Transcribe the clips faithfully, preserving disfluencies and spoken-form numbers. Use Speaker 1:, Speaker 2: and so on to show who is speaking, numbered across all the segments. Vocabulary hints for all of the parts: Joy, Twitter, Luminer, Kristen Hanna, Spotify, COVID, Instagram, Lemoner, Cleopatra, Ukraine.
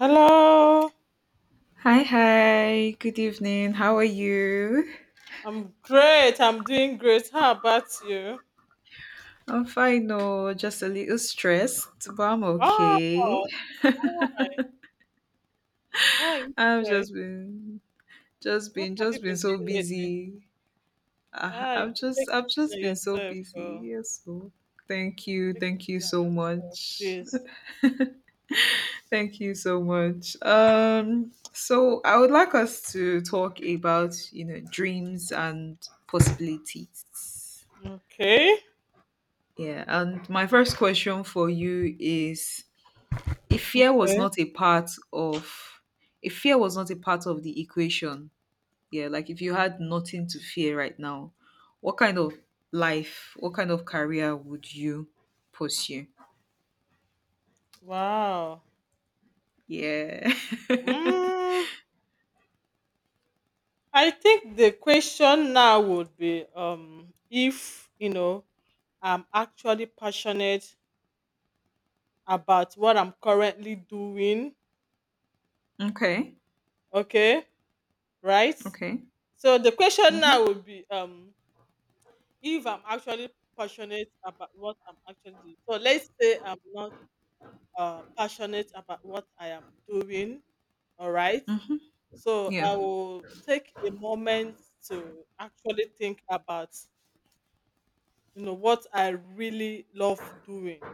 Speaker 1: Hello,
Speaker 2: Hi, hi. Good evening. How are you?
Speaker 1: I'm great. I'm doing great. How about you?
Speaker 2: I'm fine, no, just a little stressed, but I'm
Speaker 1: Oh,
Speaker 2: okay.
Speaker 1: why? Why are you
Speaker 2: I've
Speaker 1: stressed?
Speaker 2: just been, just
Speaker 1: What
Speaker 2: been,
Speaker 1: have
Speaker 2: just
Speaker 1: you
Speaker 2: been
Speaker 1: been
Speaker 2: so
Speaker 1: doing lately?
Speaker 2: busy. I,
Speaker 1: Ah, you
Speaker 2: I've
Speaker 1: should take
Speaker 2: just,
Speaker 1: it
Speaker 2: I've
Speaker 1: easy on
Speaker 2: just been so
Speaker 1: yourself. Oh,
Speaker 2: busy. Yes, so thank
Speaker 1: you should
Speaker 2: you,
Speaker 1: take it
Speaker 2: thank you
Speaker 1: easy on
Speaker 2: so
Speaker 1: yourself,
Speaker 2: much,
Speaker 1: please.
Speaker 2: thank you so much. Um, so I would like us to talk about, you know, dreams and possibilities.
Speaker 1: Okay.
Speaker 2: Yeah, and my first question for you is If fear was
Speaker 1: Okay.
Speaker 2: not a part of if fear was not a part of the equation, yeah, like if you had nothing to fear right now, what kind of life, what kind of career would you pursue?
Speaker 1: Wow.
Speaker 2: Yeah.
Speaker 1: Mm, I think the question now would be um if you know I'm actually passionate about what I'm currently doing.
Speaker 2: Okay.
Speaker 1: Okay, right?
Speaker 2: Okay.
Speaker 1: So the question
Speaker 2: Mm-hmm.
Speaker 1: now would be um if I'm actually passionate about what I'm actually doing. So let's say I'm not uh, passionate about what I am doing, all right?
Speaker 2: Mm-hmm.
Speaker 1: So
Speaker 2: Yeah.
Speaker 1: I will take a moment to actually think about you know what I really love doing,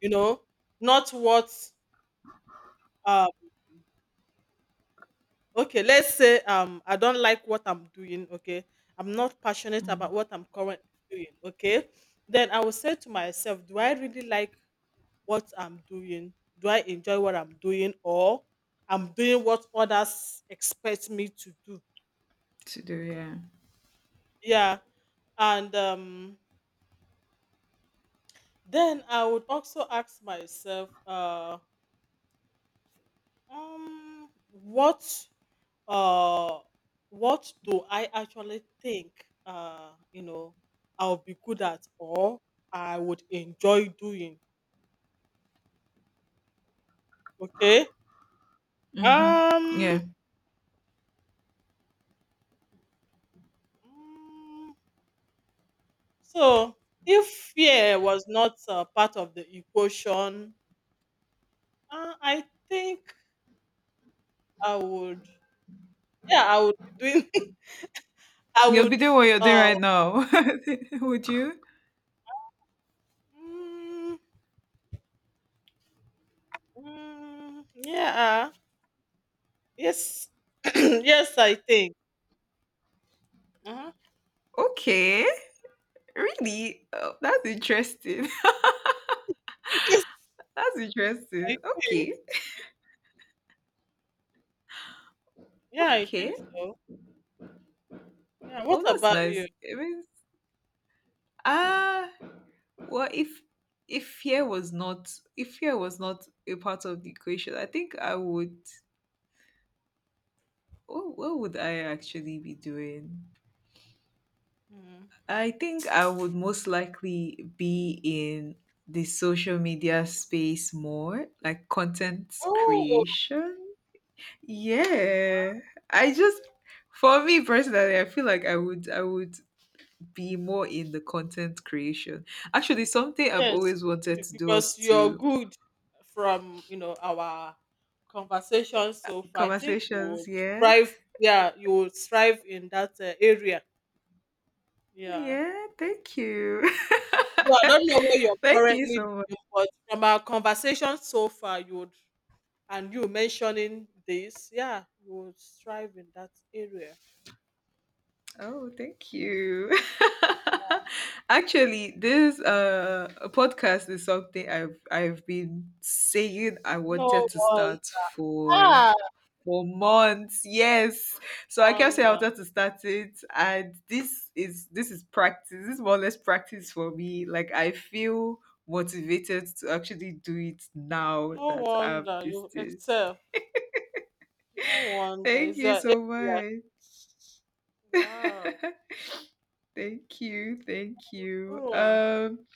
Speaker 1: you know, not what um, okay, let's say um I don't like what I'm doing, okay? I'm not passionate about
Speaker 2: Mm.
Speaker 1: what I'm currently doing, okay? Then I will say to myself, do I really like what I'm doing? Do I enjoy what I'm doing, or I'm doing what others expect me to do?
Speaker 2: To do, yeah.
Speaker 1: Yeah. And um then I would also ask myself, uh um what uh what do I actually think, uh you know I'll be good at, or I would enjoy doing, okay?
Speaker 2: Mm-hmm.
Speaker 1: um
Speaker 2: Yeah.
Speaker 1: mm, so if fear was not uh, part of the equation, uh, I think I would, yeah, I would be doing I
Speaker 2: You'll be
Speaker 1: would,
Speaker 2: doing what you're doing
Speaker 1: uh
Speaker 2: right now. would you?
Speaker 1: mm, mm, yeah, yes, yes, I think. Uh-huh.
Speaker 2: Okay. Really? Oh, that's interesting.
Speaker 1: Yes,
Speaker 2: That's
Speaker 1: I
Speaker 2: interesting.
Speaker 1: think.
Speaker 2: Okay.
Speaker 1: Yeah, I
Speaker 2: Okay.
Speaker 1: think so. Yeah. What
Speaker 2: Oh, that's
Speaker 1: about you?
Speaker 2: nice. I mean, ah, well, if if fear was not if fear was not a part of the equation, I think I would. What, what would I actually be doing?
Speaker 1: Mm.
Speaker 2: I think I would most likely be in the social media space more, like content
Speaker 1: Oh,
Speaker 2: creation.
Speaker 1: wow.
Speaker 2: Yeah, I just for me personally, I feel like I would I would be more in the content creation. Actually, something I've
Speaker 1: Yes,
Speaker 2: always wanted
Speaker 1: be-
Speaker 2: to do was
Speaker 1: because you're
Speaker 2: to
Speaker 1: good from you know our conversation so far. I think you would
Speaker 2: conversations. Yeah.
Speaker 1: thrive. Yeah, you would thrive in that uh, area. Yeah.
Speaker 2: Yeah. Thank you.
Speaker 1: Well, I don't know what you're
Speaker 2: Thank you
Speaker 1: currently
Speaker 2: so much.
Speaker 1: doing, but from our conversation so far, you would, and you mentioning this, yeah, you would thrive in that area.
Speaker 2: Oh, thank you. Actually, this uh podcast is something I've I've been saying I
Speaker 1: No
Speaker 2: wanted to
Speaker 1: one.
Speaker 2: start for
Speaker 1: Ah,
Speaker 2: for months. Yes. So I kept saying I
Speaker 1: wonder.
Speaker 2: wanted to start it. And this is this is practice. This is more or less practice for me. Like I feel motivated to actually do it now
Speaker 1: No
Speaker 2: that I've
Speaker 1: wonder
Speaker 2: this
Speaker 1: you
Speaker 2: thing.
Speaker 1: excel. No wonder.
Speaker 2: Thank
Speaker 1: It's your
Speaker 2: you so
Speaker 1: area.
Speaker 2: much.
Speaker 1: Wow.
Speaker 2: Thank you. Thank you.
Speaker 1: Oh, well.
Speaker 2: Um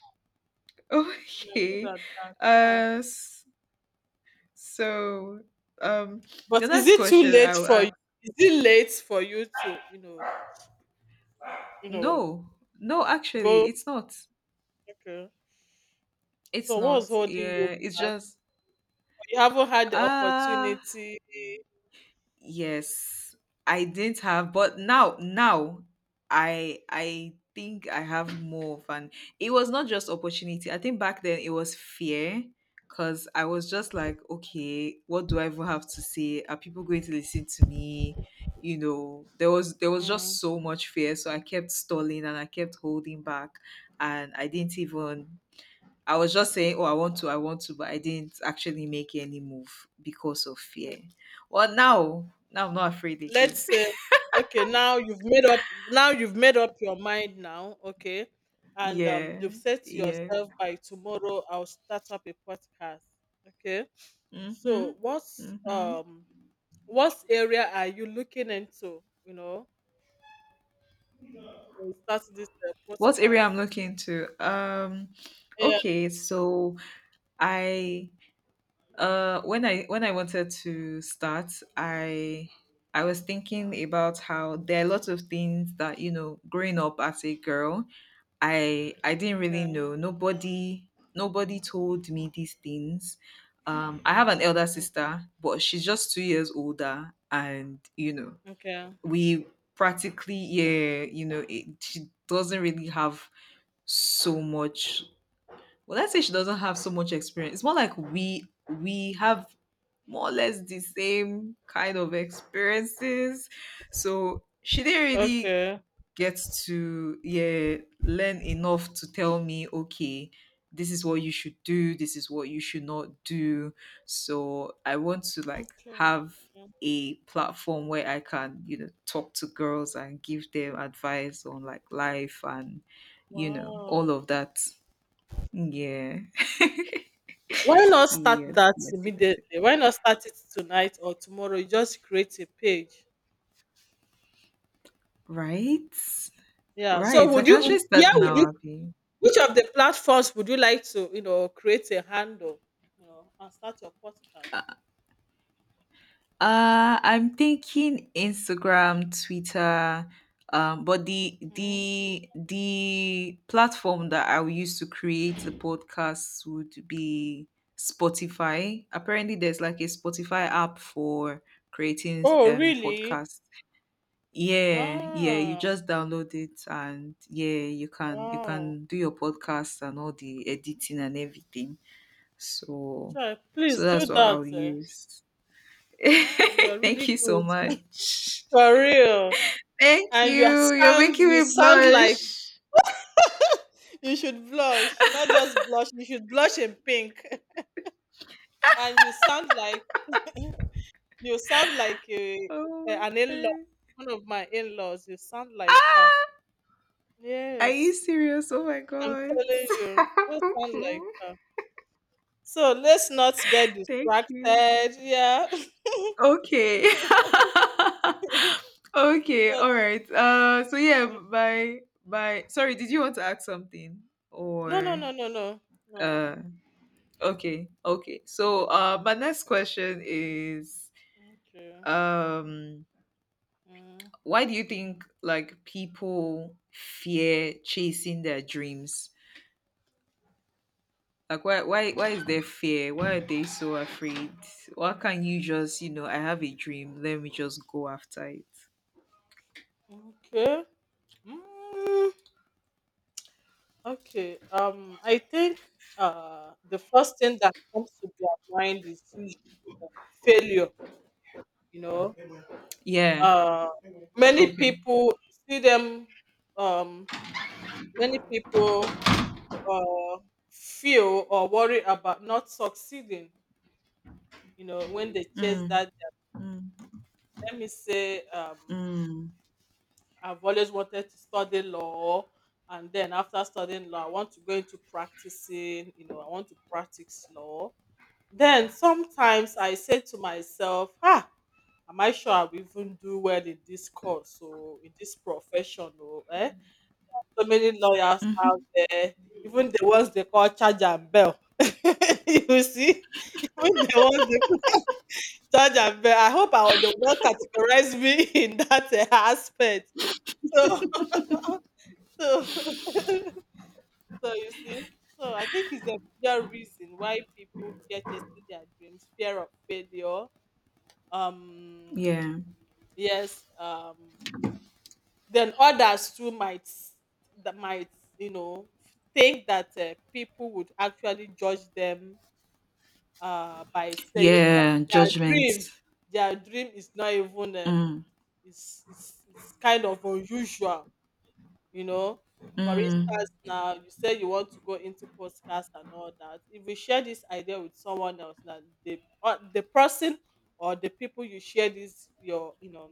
Speaker 1: You're good
Speaker 2: okay.
Speaker 1: at that. Yeah.
Speaker 2: Uh s- so um the
Speaker 1: But is
Speaker 2: next
Speaker 1: it too
Speaker 2: question
Speaker 1: late
Speaker 2: I will
Speaker 1: for you?
Speaker 2: ask
Speaker 1: Is it late for you to, you know, you know,
Speaker 2: no no
Speaker 1: go?
Speaker 2: actually it's not
Speaker 1: Okay.
Speaker 2: it's
Speaker 1: So what's
Speaker 2: not.
Speaker 1: holding you
Speaker 2: Yeah, it's
Speaker 1: back?
Speaker 2: just
Speaker 1: You haven't had the
Speaker 2: Uh
Speaker 1: opportunity.
Speaker 2: yes, I didn't have, but now now I I think I have more of an it was not just opportunity. I think back then it was fear because I was just like, okay, what do I even have to say? Are people going to listen to me? You know, there was there was
Speaker 1: Mm.
Speaker 2: just so much fear. So I kept stalling and I kept holding back and I didn't even I was just saying, "Oh, I want to, I want to," but I didn't actually make any move because of fear. Well, now, now I'm not afraid
Speaker 1: Let's
Speaker 2: again.
Speaker 1: say, okay, now you've made up now you've made up your mind now, okay? And um
Speaker 2: yeah,
Speaker 1: you've said to
Speaker 2: yeah.
Speaker 1: yourself by tomorrow I'll start up a podcast. Okay. So
Speaker 2: Mhm.
Speaker 1: what's
Speaker 2: Mhm.
Speaker 1: um what area are you looking into, you know, when you start this uh,
Speaker 2: What area
Speaker 1: podcast?
Speaker 2: I'm looking to? Um,
Speaker 1: Yeah.
Speaker 2: okay. So I, uh, when I when I wanted to start, I I was thinking about how there are lots of things that you know, growing up as a girl, I I didn't really
Speaker 1: Okay.
Speaker 2: know. Nobody nobody told me these things. Um, I have an elder
Speaker 1: Okay.
Speaker 2: sister, but she's just two years older, and you know
Speaker 1: Okay.
Speaker 2: we practically yeah you know it, she doesn't really have so much. Well, let's say she doesn't have so much experience. It's more like we we have more or less the same kind of experiences, so she didn't really
Speaker 1: Okay.
Speaker 2: get to yeah learn enough to tell me okay this is what you should do this is what you should not do so I want to like
Speaker 1: Okay.
Speaker 2: have a platform where I can you know talk to girls and give them advice on like life and you know
Speaker 1: Wow.
Speaker 2: all of that yeah
Speaker 1: Why not start
Speaker 2: yes
Speaker 1: that
Speaker 2: yes yes
Speaker 1: immediately? Why not start it tonight or tomorrow? You just create a page.
Speaker 2: right
Speaker 1: Yeah. So
Speaker 2: right I
Speaker 1: would
Speaker 2: can
Speaker 1: you
Speaker 2: actually start
Speaker 1: yeah, would you
Speaker 2: now abby.
Speaker 1: which of the platforms would you like to, you know, create a handle, you know, and start your podcast?
Speaker 2: Uh, I'm thinking Instagram, Twitter, um, but the
Speaker 1: Mm.
Speaker 2: the the platform that I will use to create the podcast would be Spotify. Apparently, there's like a Spotify app for creating
Speaker 1: Oh,
Speaker 2: um
Speaker 1: really?
Speaker 2: podcasts. Yeah, yeah, you
Speaker 1: Ah,
Speaker 2: just download it and yeah, you can you
Speaker 1: wow.
Speaker 2: can do your podcast and all the editing and everything. So
Speaker 1: Chai,
Speaker 2: so
Speaker 1: please do
Speaker 2: that's what
Speaker 1: that,
Speaker 2: I'll
Speaker 1: eh.
Speaker 2: use.
Speaker 1: Yeah, you're
Speaker 2: Thank
Speaker 1: really
Speaker 2: you so
Speaker 1: good.
Speaker 2: much.
Speaker 1: For real.
Speaker 2: Thank
Speaker 1: And you are
Speaker 2: you. You're
Speaker 1: sound
Speaker 2: making
Speaker 1: you
Speaker 2: me
Speaker 1: sound like
Speaker 2: blush.
Speaker 1: you should blush. Not just blush, you should blush in pink. And you sound like you sound like a,
Speaker 2: Oh my
Speaker 1: an in-law,
Speaker 2: god.
Speaker 1: one of my in-laws. You sound like her.
Speaker 2: Are you
Speaker 1: Yes.
Speaker 2: serious? Oh my
Speaker 1: I'm
Speaker 2: god.
Speaker 1: telling you, those sound
Speaker 2: okay.
Speaker 1: like her. So let's not get
Speaker 2: Thank you.
Speaker 1: distracted. Yeah.
Speaker 2: Okay. okay. All right. Uh. So yeah.
Speaker 1: Okay.
Speaker 2: By by. Sorry. Did you want to ask something
Speaker 1: No, no,
Speaker 2: or
Speaker 1: no, no, no, no.
Speaker 2: uh? Okay. Okay. So uh, my next question is
Speaker 1: Okay.
Speaker 2: um
Speaker 1: Mm,
Speaker 2: why do you think like people fear chasing their dreams like why why why is there fear why are they so afraid why can't you just you know I have a dream let me just go after it
Speaker 1: okay. Mm, okay. Um, I think uh the first thing that comes to their mind is usually failure. You know,
Speaker 2: yeah
Speaker 1: uh, many
Speaker 2: okay
Speaker 1: people see them. Um, many people uh feel or worry about not succeeding you know when they chase
Speaker 2: mm,
Speaker 1: that.
Speaker 2: mm,
Speaker 1: Let me say, um
Speaker 2: mm.
Speaker 1: I've always wanted to study law, and then after studying law I want to go into practicing. you know I want to practice law. Then sometimes I say to myself, ah, am I sure I'll even do well in this course or in this profession, or eh? So many lawyers out there, even the ones they call charge and bell, you see, even the ones, judge and bear. I hope I they will not categorize me in that uh, aspect. So, so, so, you see. So I think it's a major reason why people fear chasing their dreams: fear of failure. Um,
Speaker 2: yeah
Speaker 1: yes. Um, then others too might, that might you know think that uh, people would actually judge them uh by saying
Speaker 2: yeah
Speaker 1: their
Speaker 2: judgment
Speaker 1: dream, their dream is not even uh,
Speaker 2: mm,
Speaker 1: it's it's it's kind of unusual, you know. For instance,
Speaker 2: mm,
Speaker 1: now you say you want to go into podcast and all that. If you share this idea with someone else, now the uh, the person, or the people you share this your you know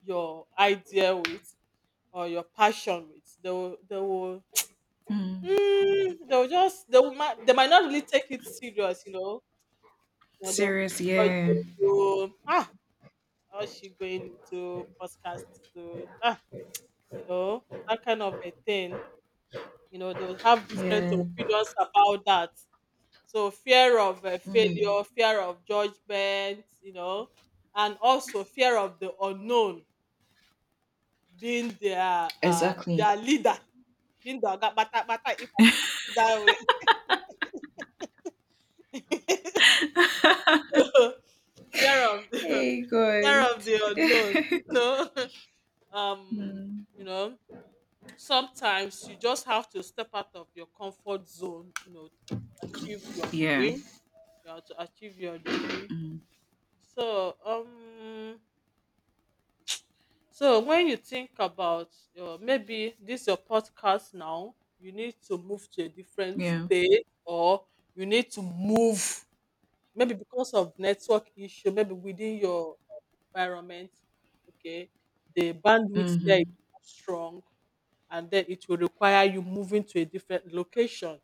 Speaker 1: your idea with, or your passion with, they will, they will
Speaker 2: mm.
Speaker 1: mm, they will just they will might they might not really take it serious, you know. Or they'll
Speaker 2: serious
Speaker 1: judge
Speaker 2: yeah
Speaker 1: you. "Hmm, ah, how's she going into podcast to do?" you know, that kind of a thing. You know, they will have different
Speaker 2: yeah
Speaker 1: opinions about that. So, fear of uh,
Speaker 2: mm.
Speaker 1: failure, fear of judgment, you know, and also fear of the unknown, being their uh, their
Speaker 2: exactly
Speaker 1: leader, being the oga bata bata, if I put it that way. So, fear of,
Speaker 2: hey
Speaker 1: fear
Speaker 2: good
Speaker 1: of the unknown, you know. Um,
Speaker 2: Mm.
Speaker 1: you know, sometimes you just have to step out of your comfort zone, you know, to achieve your
Speaker 2: yeah
Speaker 1: dream. You are to achieve your dream.
Speaker 2: mm,
Speaker 1: So, um, so when you think about, uh, maybe this your podcast now, you need to move to a different
Speaker 2: yeah
Speaker 1: state, or you need to move, maybe because of network issue, maybe within your environment. Okay, the bandwidth there is
Speaker 2: hmm
Speaker 1: not strong, and then it will require you moving to a different location.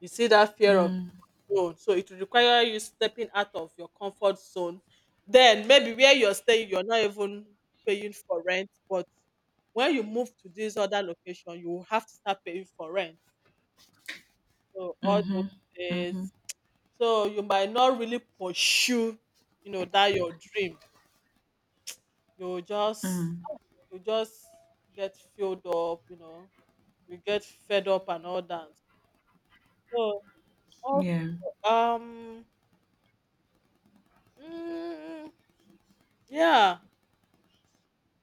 Speaker 1: You see, that fear of
Speaker 2: Mm,
Speaker 1: zone, so it will require you stepping out of your comfort zone. Then maybe where you're staying you're not even paying for rent, but when you move to this other location you will have to start paying for rent. So all those
Speaker 2: mhm,
Speaker 1: days,
Speaker 2: mhm,
Speaker 1: so you might not really pursue you know that your dream. You just,
Speaker 2: mm.
Speaker 1: you just get filled up, you know you get fed up, and all that. So, also,
Speaker 2: Yeah.
Speaker 1: um mm, yeah,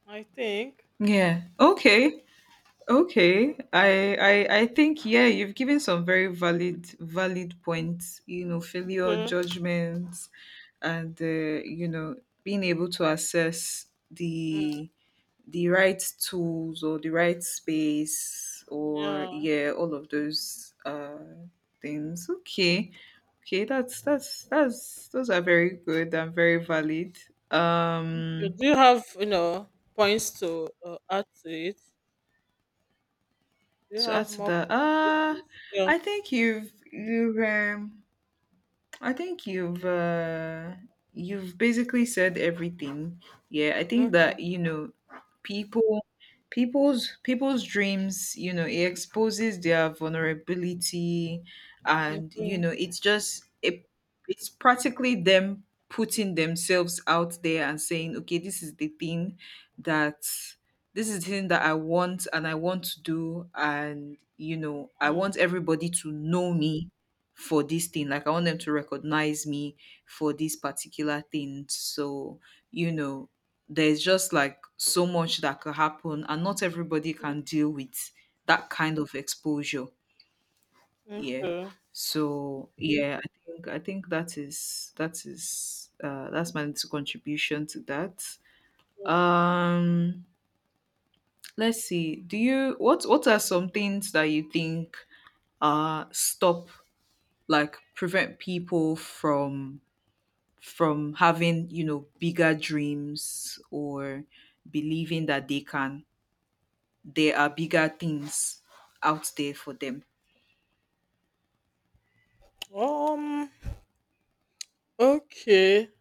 Speaker 1: I think.
Speaker 2: Yeah. Okay. Okay. I I I think yeah, you've given some very valid valid points, you know, failure
Speaker 1: Okay.
Speaker 2: judgments and uh, you know, being able to assess
Speaker 1: Mm,
Speaker 2: the the right tools or the right space or
Speaker 1: yeah.
Speaker 2: yeah all of those uh things okay okay that's that's that's those are very good and very valid
Speaker 1: So,
Speaker 2: um
Speaker 1: do you have, you know, points to uh, add to it? Do you
Speaker 2: to add
Speaker 1: have
Speaker 2: to
Speaker 1: more
Speaker 2: that uh
Speaker 1: questions? Yeah.
Speaker 2: i think you've you um I think you've uh, you've basically said everything. Yeah, I think
Speaker 1: Okay.
Speaker 2: that you know people people's people's dreams, you know, it exposes their vulnerability and you
Speaker 1: Okay.
Speaker 2: know, it's just it, it's practically them putting themselves out there and saying, "Okay, this is the thing that this is the thing that I want and I want to do and you know, I
Speaker 1: Mm,
Speaker 2: want everybody to know me." for this thing like I want them to recognize me for this particular thing so you know there's just like so much that could happen and not everybody can deal with that kind of exposure
Speaker 1: mm,
Speaker 2: yeah
Speaker 1: okay.
Speaker 2: so yeah i think I think that is that is uh that's my little contribution to that um let's see do you what what are some things that you think uh stop like prevent people from from having, you know, bigger dreams or believing that they can, there are bigger things out there for them.
Speaker 1: Um. Okay.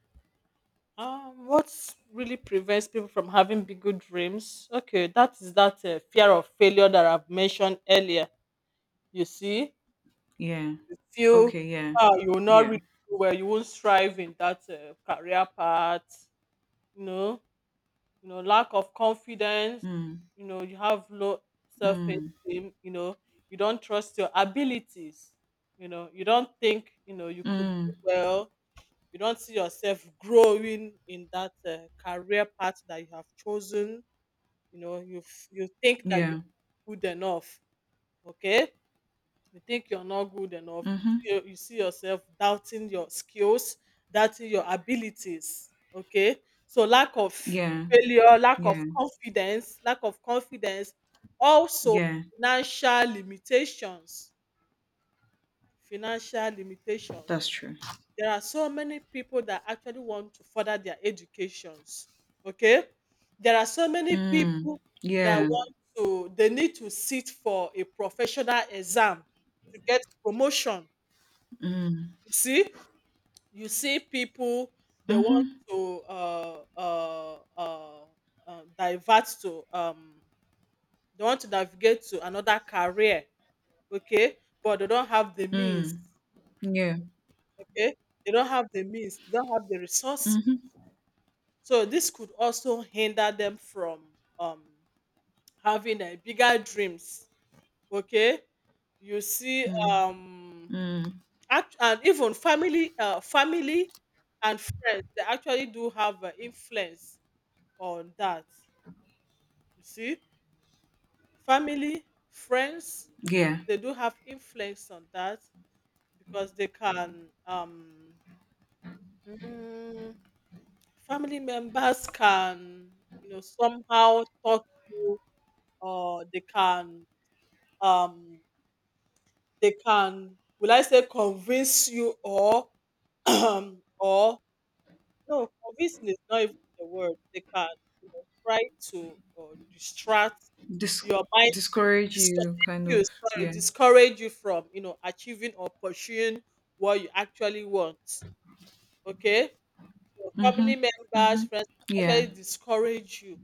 Speaker 1: Um. What really prevents people from having bigger dreams? Okay, that is that, uh, fear of failure that I've mentioned earlier. You see,
Speaker 2: Yeah.
Speaker 1: you feel,
Speaker 2: Okay. Yeah.
Speaker 1: ah, you will not
Speaker 2: Yeah.
Speaker 1: really do well. You won't strive in that uh, career path. You know. You know lack of confidence,
Speaker 2: Mm,
Speaker 1: you know you have low self
Speaker 2: mm,
Speaker 1: esteem, you know you don't trust your abilities, you know you don't think you know you could
Speaker 2: mm,
Speaker 1: do well. You don't see yourself growing in that uh, career path that you have chosen. You know you f- you think that you
Speaker 2: yeah.
Speaker 1: are good enough, okay? You think you're not good enough.
Speaker 2: Mm-hmm.
Speaker 1: You you see yourself doubting your skills, doubting your abilities, okay? So, lack of
Speaker 2: Yeah.
Speaker 1: failure, lack of
Speaker 2: Yeah.
Speaker 1: confidence, lack of confidence, also
Speaker 2: Yeah.
Speaker 1: financial limitations, financial
Speaker 2: That's
Speaker 1: limitations.
Speaker 2: true.
Speaker 1: There are so many people that actually want to further their educations, okay? There are so many
Speaker 2: Mm,
Speaker 1: people that
Speaker 2: yeah.
Speaker 1: want to they need to sit for a professional exam to get promotion.
Speaker 2: Mm,
Speaker 1: You see, you see people, they want
Speaker 2: mm-hmm.
Speaker 1: to uh uh uh, uh divert to, um they want to navigate to another career, okay, but they don't have the means,
Speaker 2: Mm, yeah.
Speaker 1: okay, they don't have the means, they don't have the resources.
Speaker 2: Mm-hmm.
Speaker 1: So this could also hinder them from um having a bigger dreams, okay. You see,
Speaker 2: Mm,
Speaker 1: um
Speaker 2: mm,
Speaker 1: Act- and even family, uh, family and friends, they actually do have uh, influence on that. You see, family, friends,
Speaker 2: yeah.
Speaker 1: they do have influence on that, because they can, um mm, family members can you know somehow talk you, or they can, um they can, will I say convince you, or or, no, convincing is not even the word. They can, you know, try to uh, distract
Speaker 2: Dis-
Speaker 1: your mind,
Speaker 2: discourage you
Speaker 1: discourage
Speaker 2: kind
Speaker 1: you,
Speaker 2: of.
Speaker 1: sorry,
Speaker 2: Yeah.
Speaker 1: discourage you from you know achieving or pursuing what you actually want. Okay, so
Speaker 2: Mm-hmm.
Speaker 1: family members,
Speaker 2: Mm-hmm.
Speaker 1: friends can
Speaker 2: Yeah.
Speaker 1: actually discourage you.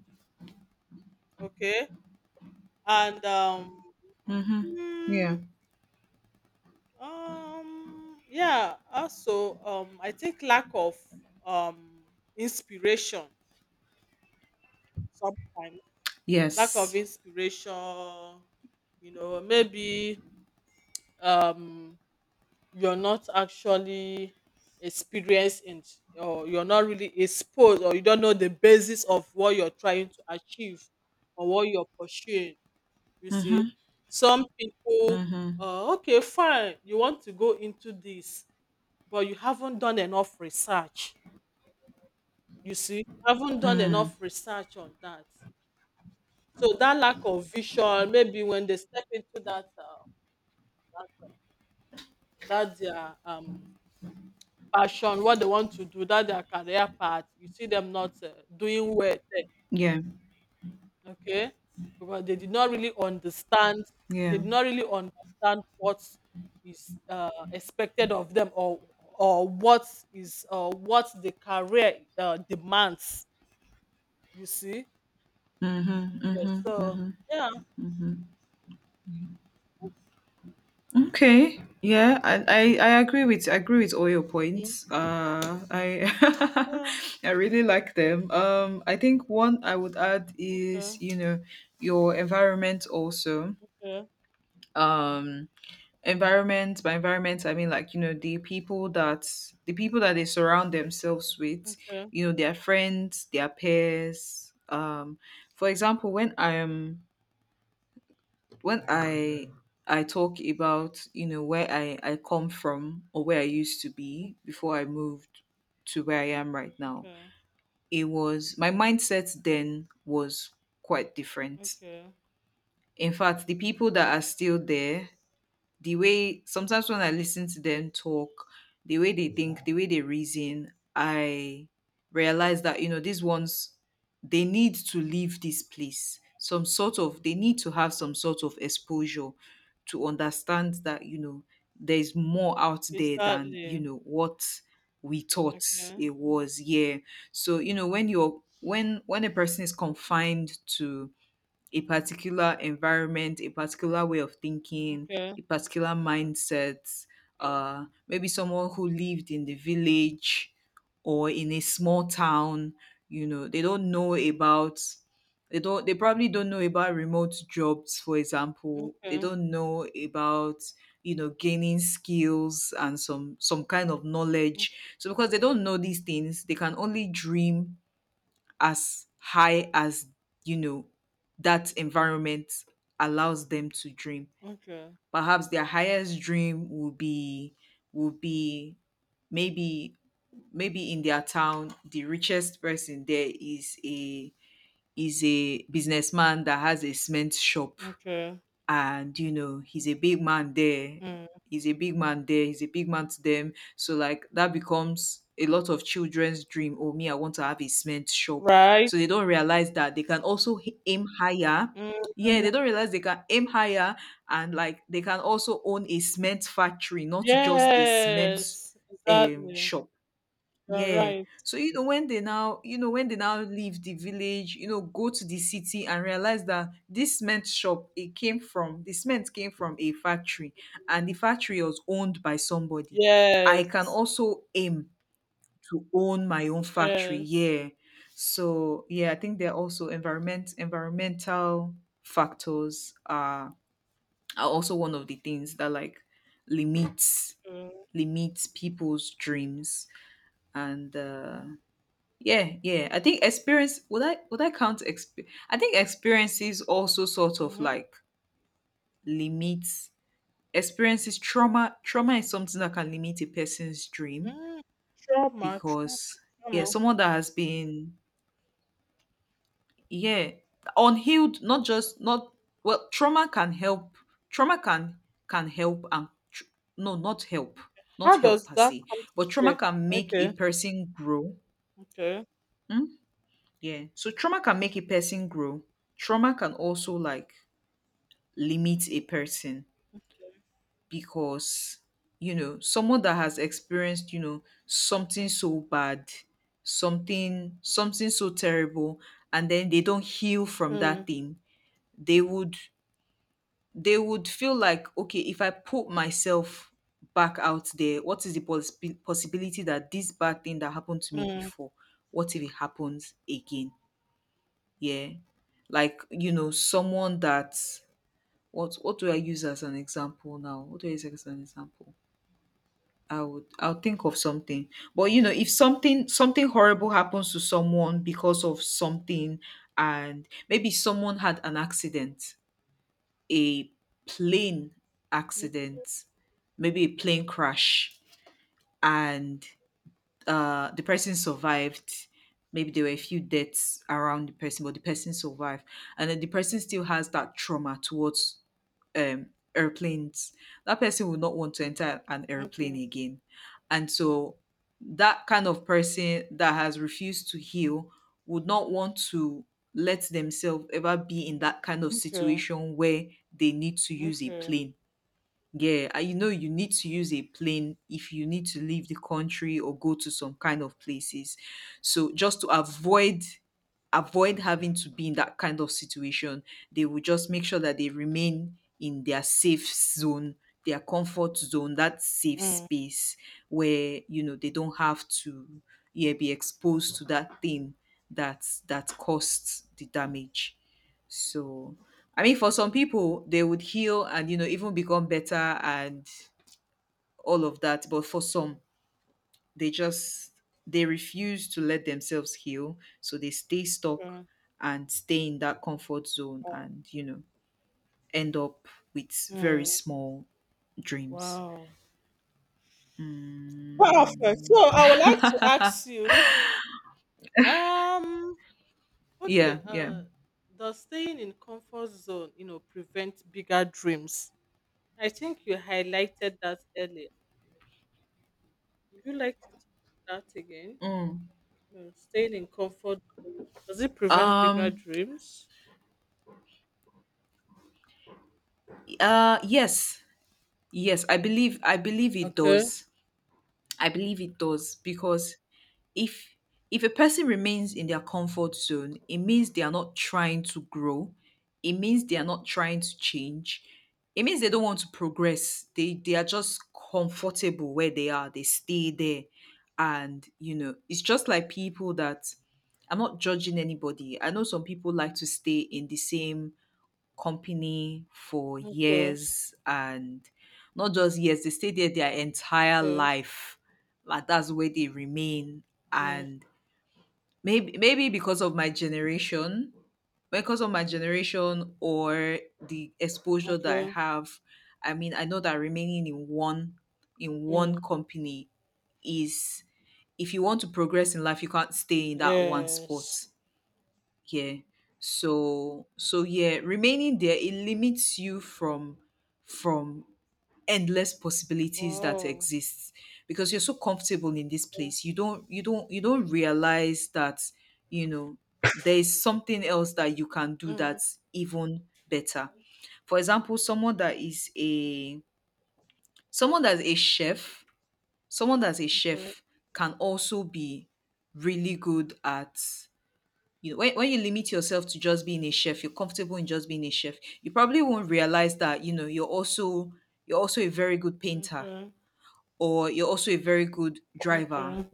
Speaker 1: Okay, and um,
Speaker 2: Mhm.
Speaker 1: mm,
Speaker 2: Yeah.
Speaker 1: um, yeah. Also, um, I think lack of um inspiration sometimes, lack of
Speaker 2: Yes.
Speaker 1: inspiration. You know maybe, um you're not actually experienced in, or you're not really exposed, or you don't know the basis of what you're trying to achieve or what you're pursuing. You
Speaker 2: Mhm.
Speaker 1: see, some people,
Speaker 2: Mhm.
Speaker 1: uh, okay, fine, you want to go into this, but you haven't done enough research. You see, you haven't done
Speaker 2: Mm.
Speaker 1: enough research on that. So that lack of vision, maybe when they step into that, uh, that their um passion, what they want to do, that their career path, you see them not uh, doing well
Speaker 2: Yeah.
Speaker 1: there, okay? Because they did not really understand, they
Speaker 2: Yeah.
Speaker 1: did not really understand what is uh, expected of them, or or what is uh, what the career uh, demands. You see,
Speaker 2: Mhm.
Speaker 1: yes.
Speaker 2: Mhm.
Speaker 1: So
Speaker 2: Mhm.
Speaker 1: yeah,
Speaker 2: Mhm. Okay. Yeah, I, I I agree with I agree with all your
Speaker 1: mm,
Speaker 2: points. Uh, I
Speaker 1: yeah,
Speaker 2: I really like them. Um, I think one I would add is
Speaker 1: okay,
Speaker 2: you know your environment also.
Speaker 1: okay,
Speaker 2: Um, environment by environment I mean like you know the people that the people that they surround themselves with
Speaker 1: okay,
Speaker 2: you know their friends their peers um for example when I am when I I talk about you know where i I come from or where I used to be before I moved to where I am right now
Speaker 1: okay,
Speaker 2: it was my mindset then was quite different
Speaker 1: okay.
Speaker 2: in fact the people that are still there the way sometimes when I listen to them talk, the way they think, the way they reason, I realize that you know these ones they need to leave this place. Some sort of they need to have some sort of exposure to understand that you know there's more out there than you
Speaker 1: Exactly.
Speaker 2: know what we thought
Speaker 1: Okay.
Speaker 2: it was. Yeah. So you know when you're when when a person is confined to a particular environment, a particular way of thinking,
Speaker 1: Okay.
Speaker 2: a particular mindset.
Speaker 1: Okay.
Speaker 2: Uh, maybe someone who lived in the village or in a small town. You know, they don't know about. They don't. They probably don't know about remote jobs, for example. They
Speaker 1: Okay.
Speaker 2: don't know about you know gaining skills and some some kind of knowledge. So because they don't know these things, they can only dream as high as you know that environment allows them to dream
Speaker 1: Okay.
Speaker 2: perhaps their highest dream will be will be maybe maybe in their town the richest person there is a is a businessman that has a cement shop
Speaker 1: Okay.
Speaker 2: and you know he's a big man there
Speaker 1: Mm.
Speaker 2: he's a big man there he's a big man to them so like that becomes a lot of children's dream oh me I want to have a cement shop
Speaker 1: Right.
Speaker 2: so they don't realize that they can also h- aim higher
Speaker 1: Mm.
Speaker 2: yeah they don't realize they can aim higher and like they can also own a cement factory not just a cement
Speaker 1: Yes.
Speaker 2: um
Speaker 1: Exactly.
Speaker 2: shop
Speaker 1: You're
Speaker 2: yeah.
Speaker 1: right.
Speaker 2: So you know when they now you know when they now leave the village, you know, go to the city and realize that this cement shop it came from the cement came from a factory and the factory was owned by somebody. I can
Speaker 1: Yes.
Speaker 2: also aim to own my own factory.
Speaker 1: Yes.
Speaker 2: Yeah. So yeah, I think there are also environment environmental factors are are also one of the things that like limits limits people's dreams and uh yeah, yeah. I think experience would I would I count exp- I think experiences also sort of
Speaker 1: Mm-hmm.
Speaker 2: like limits experiences trauma trauma is something that can limit a person's dream
Speaker 1: Mm. Trauma. Trauma.
Speaker 2: because yeah,
Speaker 1: Trauma.
Speaker 2: someone that has been yeah, unhealed not just not well trauma can help trauma can can help and tr- no not help, not
Speaker 1: How
Speaker 2: help
Speaker 1: does
Speaker 2: per
Speaker 1: that
Speaker 2: se,
Speaker 1: come to
Speaker 2: but trauma
Speaker 1: play?
Speaker 2: can make a
Speaker 1: Okay.
Speaker 2: person grow.
Speaker 1: Okay.
Speaker 2: Hmm? Yeah. So trauma can make a person grow. Trauma can also like limit a person because you know, someone that has experienced, you know, something so bad, something something so terrible, and then they don't heal from that
Speaker 1: Mm.
Speaker 2: thing, they would they would feel like okay, if I put myself back out there, what is the poss- possibility that this bad thing that happened to me
Speaker 1: Mm.
Speaker 2: before, what if it happens again? Yeah Like you know someone that what what do I use as an example now what do I use as an example? i would I'll think of something. But you know, if something something horrible happens to someone because of something, and maybe someone had an accident, a plane
Speaker 1: mm,
Speaker 2: accident, maybe a plane crash, and uh, the person survived. Maybe there were a few deaths around the person, but the person survived, and then the person still has that trauma towards um, airplanes. That person will not want to enter an airplane
Speaker 1: Okay.
Speaker 2: again, and so that kind of person that has refused to heal would not want to let themselves ever be in that kind of
Speaker 1: Okay.
Speaker 2: situation where they need to use a
Speaker 1: Okay.
Speaker 2: plane. Yeah, and you know, you need to use a plane if you need to leave the country or go to some kind of places. So just to avoid avoid having to be in that kind of situation, they will just make sure that they remain in their safe zone, their comfort zone, that safe
Speaker 1: Mm.
Speaker 2: space where you know they don't have to yeah be exposed to that thing that that caused the damage. So, I mean, for some people, they would heal and you know even become better and all of that. But for some, they just they refuse to let themselves heal, so they stay stuck
Speaker 1: Okay.
Speaker 2: and stay in that comfort zone, and you know end up with very
Speaker 1: Mm.
Speaker 2: small dreams.
Speaker 1: Wow. Perfect.
Speaker 2: Mm.
Speaker 1: So I would like to ask you. Um. Okay,
Speaker 2: Yeah, yeah.
Speaker 1: uh, does staying in comfort zone, you know, prevent bigger dreams? I think you highlighted that earlier. Would you like to talk that again?
Speaker 2: Mm.
Speaker 1: No, staying in comfort zone, does it prevent bigger
Speaker 2: Um.
Speaker 1: dreams?
Speaker 2: Uh. Yes. Yes. I believe. I believe it
Speaker 1: Okay.
Speaker 2: does. I believe it does because if if a person remains in their comfort zone, it means they are not trying to grow. It means they are not trying to change. It means they don't want to progress. They they are just comfortable where they are. They stay there. And you know, it's just like people that I'm not judging anybody. I know some people like to stay in the same company for
Speaker 1: Okay,
Speaker 2: years, and not just years, they stay there their entire
Speaker 1: okay,
Speaker 2: life. Like that's where they remain.
Speaker 1: mm,
Speaker 2: And maybe maybe because of my generation, because of my generation or the exposure that I
Speaker 1: okay,
Speaker 2: have, I mean I know that remaining in one in one
Speaker 1: mm,
Speaker 2: company is if you want to progress in life, you can't stay in that one spot.
Speaker 1: yes.
Speaker 2: Yeah. So so yeah, remaining there it limits you from from endless possibilities that
Speaker 1: Wow.
Speaker 2: exists because you're so comfortable in this place. You don't you don't you don't realize that, you know, there's something else that you can do
Speaker 1: Mm,
Speaker 2: that's even better. For example, someone that is a someone that's a chef, someone that's a
Speaker 1: okay,
Speaker 2: chef can also be really good at you know, when, when you limit yourself to just being a chef, you're comfortable in just being a chef. You probably won't realize that you know you're also you're also a very good painter,
Speaker 1: okay,
Speaker 2: or you're also a very good driver.
Speaker 1: okay.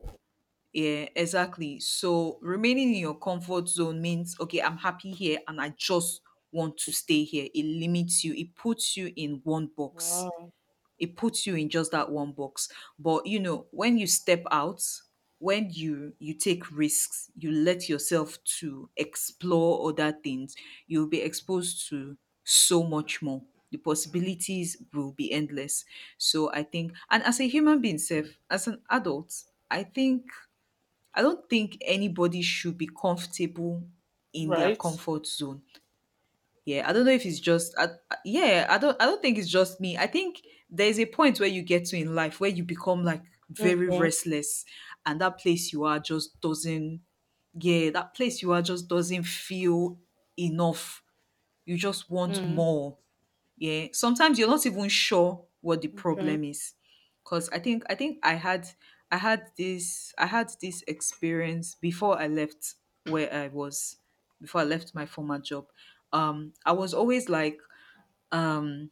Speaker 2: Yeah, exactly. So remaining in your comfort zone means okay, I'm happy here and I just want to stay here. It limits you. It puts you in one box.
Speaker 1: Wow.
Speaker 2: It puts you in just that one box. But you know, when you step out, when you you take risks, you let yourself to explore other things, you'll be exposed to so much more. The possibilities will be endless. So I think and as a human being self, as an adult, I think I don't think anybody should be comfortable in their
Speaker 1: Right.
Speaker 2: comfort zone. Yeah, I don't know if it's just I, I- yeah, I don't I don't think it's just me. I think there's a point where you get to in life where you become like very
Speaker 1: Okay.
Speaker 2: restless and that place you are just doesn't yeah, that place you are just doesn't feel enough. You just want
Speaker 1: Mm,
Speaker 2: more. Yeah, sometimes you're not even sure what the
Speaker 1: okay,
Speaker 2: problem is. Cause I think I think I had I had this I had this experience before I left where I was before I left my former job. Um I was always like um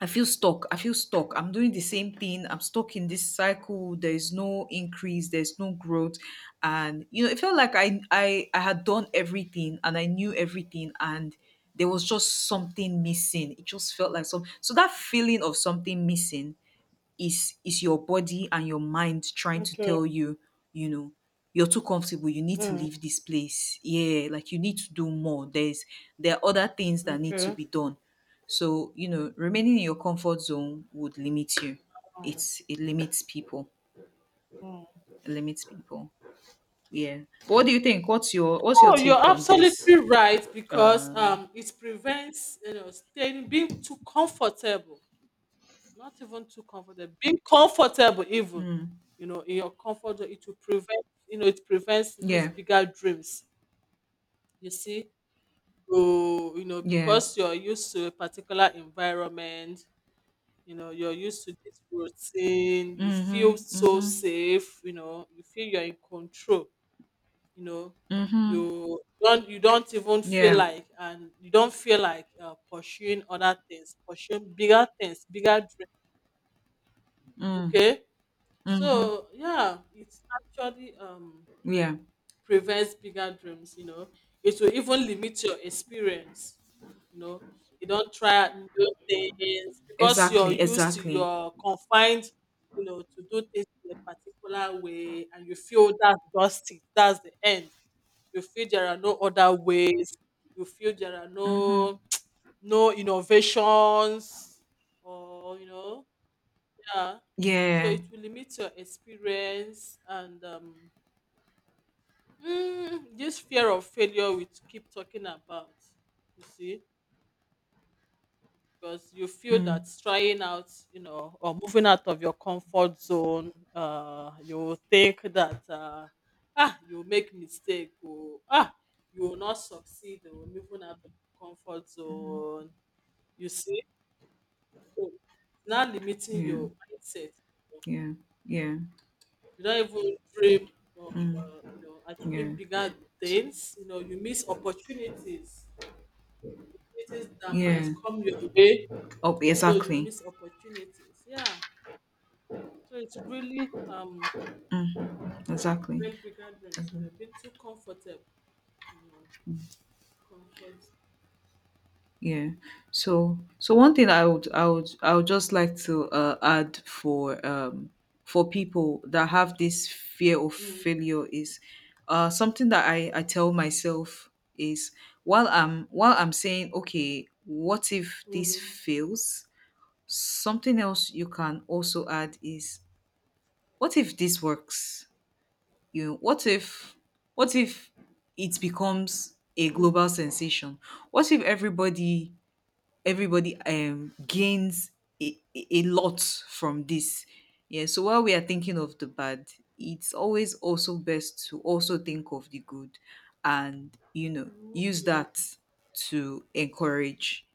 Speaker 2: I feel stuck. I feel stuck. I'm doing the same thing. I'm stuck in this cycle. There is no increase. There's no growth, and you know it felt like I I I had done everything and I knew everything, and there was just something missing. It just felt like some. So that feeling of something missing is is your body and your mind trying to
Speaker 1: okay,
Speaker 2: tell you, you know, you're too comfortable, you need to
Speaker 1: mm,
Speaker 2: leave this place. Yeah, like you need to do more. There's there are other things that need to
Speaker 1: okay.
Speaker 2: be done. So, you know, remaining in your comfort zone would limit you. It's it limits people.
Speaker 1: mm.
Speaker 2: It limits people. Yeah. What do you think? What's your what's your
Speaker 1: Oh, you're
Speaker 2: take on this?
Speaker 1: absolutely right because
Speaker 2: Uh
Speaker 1: um, it prevents, you know, staying being too comfortable, not even too comfortable, being comfortable even,
Speaker 2: mm,
Speaker 1: you know, in your comfort zone, it will prevent, you know, it prevents these
Speaker 2: yeah.
Speaker 1: bigger dreams. You see, so you know
Speaker 2: Yeah.
Speaker 1: because you're used to a particular environment, you know, you're used to this routine, you feel
Speaker 2: Mm-hmm.
Speaker 1: so
Speaker 2: Mm-hmm.
Speaker 1: safe, you know, you feel you're in control, you know,
Speaker 2: Mm-hmm.
Speaker 1: you don't you don't even feel
Speaker 2: Yeah.
Speaker 1: like, and you don't feel like uh, pursuing other things, pursuing bigger things, bigger dreams.
Speaker 2: Mm.
Speaker 1: Okay,
Speaker 2: Mm-hmm.
Speaker 1: so yeah, it actually um
Speaker 2: Yeah.
Speaker 1: prevents bigger dreams, you know, it will even limit your experience. You know, you don't try out new things because you're
Speaker 2: Exactly,
Speaker 1: used to
Speaker 2: exactly.
Speaker 1: your confined, you know, to do things in a particular way, and you feel that's just it, that's the end. You feel there are no other ways. You feel there are
Speaker 2: Mm-hmm.
Speaker 1: no no innovations, or you know, yeah. So
Speaker 2: Yeah.
Speaker 1: it will limit your experience and um, mm, this fear of failure we keep talking about. You see. Because you feel that
Speaker 2: Mm,
Speaker 1: trying out, you know, or moving out of your comfort zone, uh, you think that uh, ah, you make mistake, or ah, you will not succeed or moving out of your comfort zone. You see, so now limiting
Speaker 2: yeah.
Speaker 1: your mindset.
Speaker 2: Yeah. Yeah.
Speaker 1: You don't even dream of
Speaker 2: Mm,
Speaker 1: uh, you know, achieving
Speaker 2: yeah.
Speaker 1: bigger things. You know, you miss opportunities. Opportunities that might
Speaker 2: Yeah.
Speaker 1: come your way,
Speaker 2: Oh,
Speaker 1: so you
Speaker 2: exactly.
Speaker 1: miss opportunities. Yeah. So it's really um
Speaker 2: Mm, exactly.
Speaker 1: when bigger dreams, you know, being too comfortable. Mm, comfort.
Speaker 2: Yeah. So, so one thing I would, I would, I would just like to uh, add for um for people that have this fear of
Speaker 1: Mm,
Speaker 2: failure is uh something that I I tell myself is while I'm while I'm saying okay, what if this
Speaker 1: mm,
Speaker 2: fails? Something else you can also add is what if this works? You know, what if what if it becomes a global sensation? What if everybody everybody um gains a, a a lot from this? Yeah, so while we are thinking of the bad, it's always also best to also think of the good, and you know
Speaker 1: mm.
Speaker 2: use that to encourage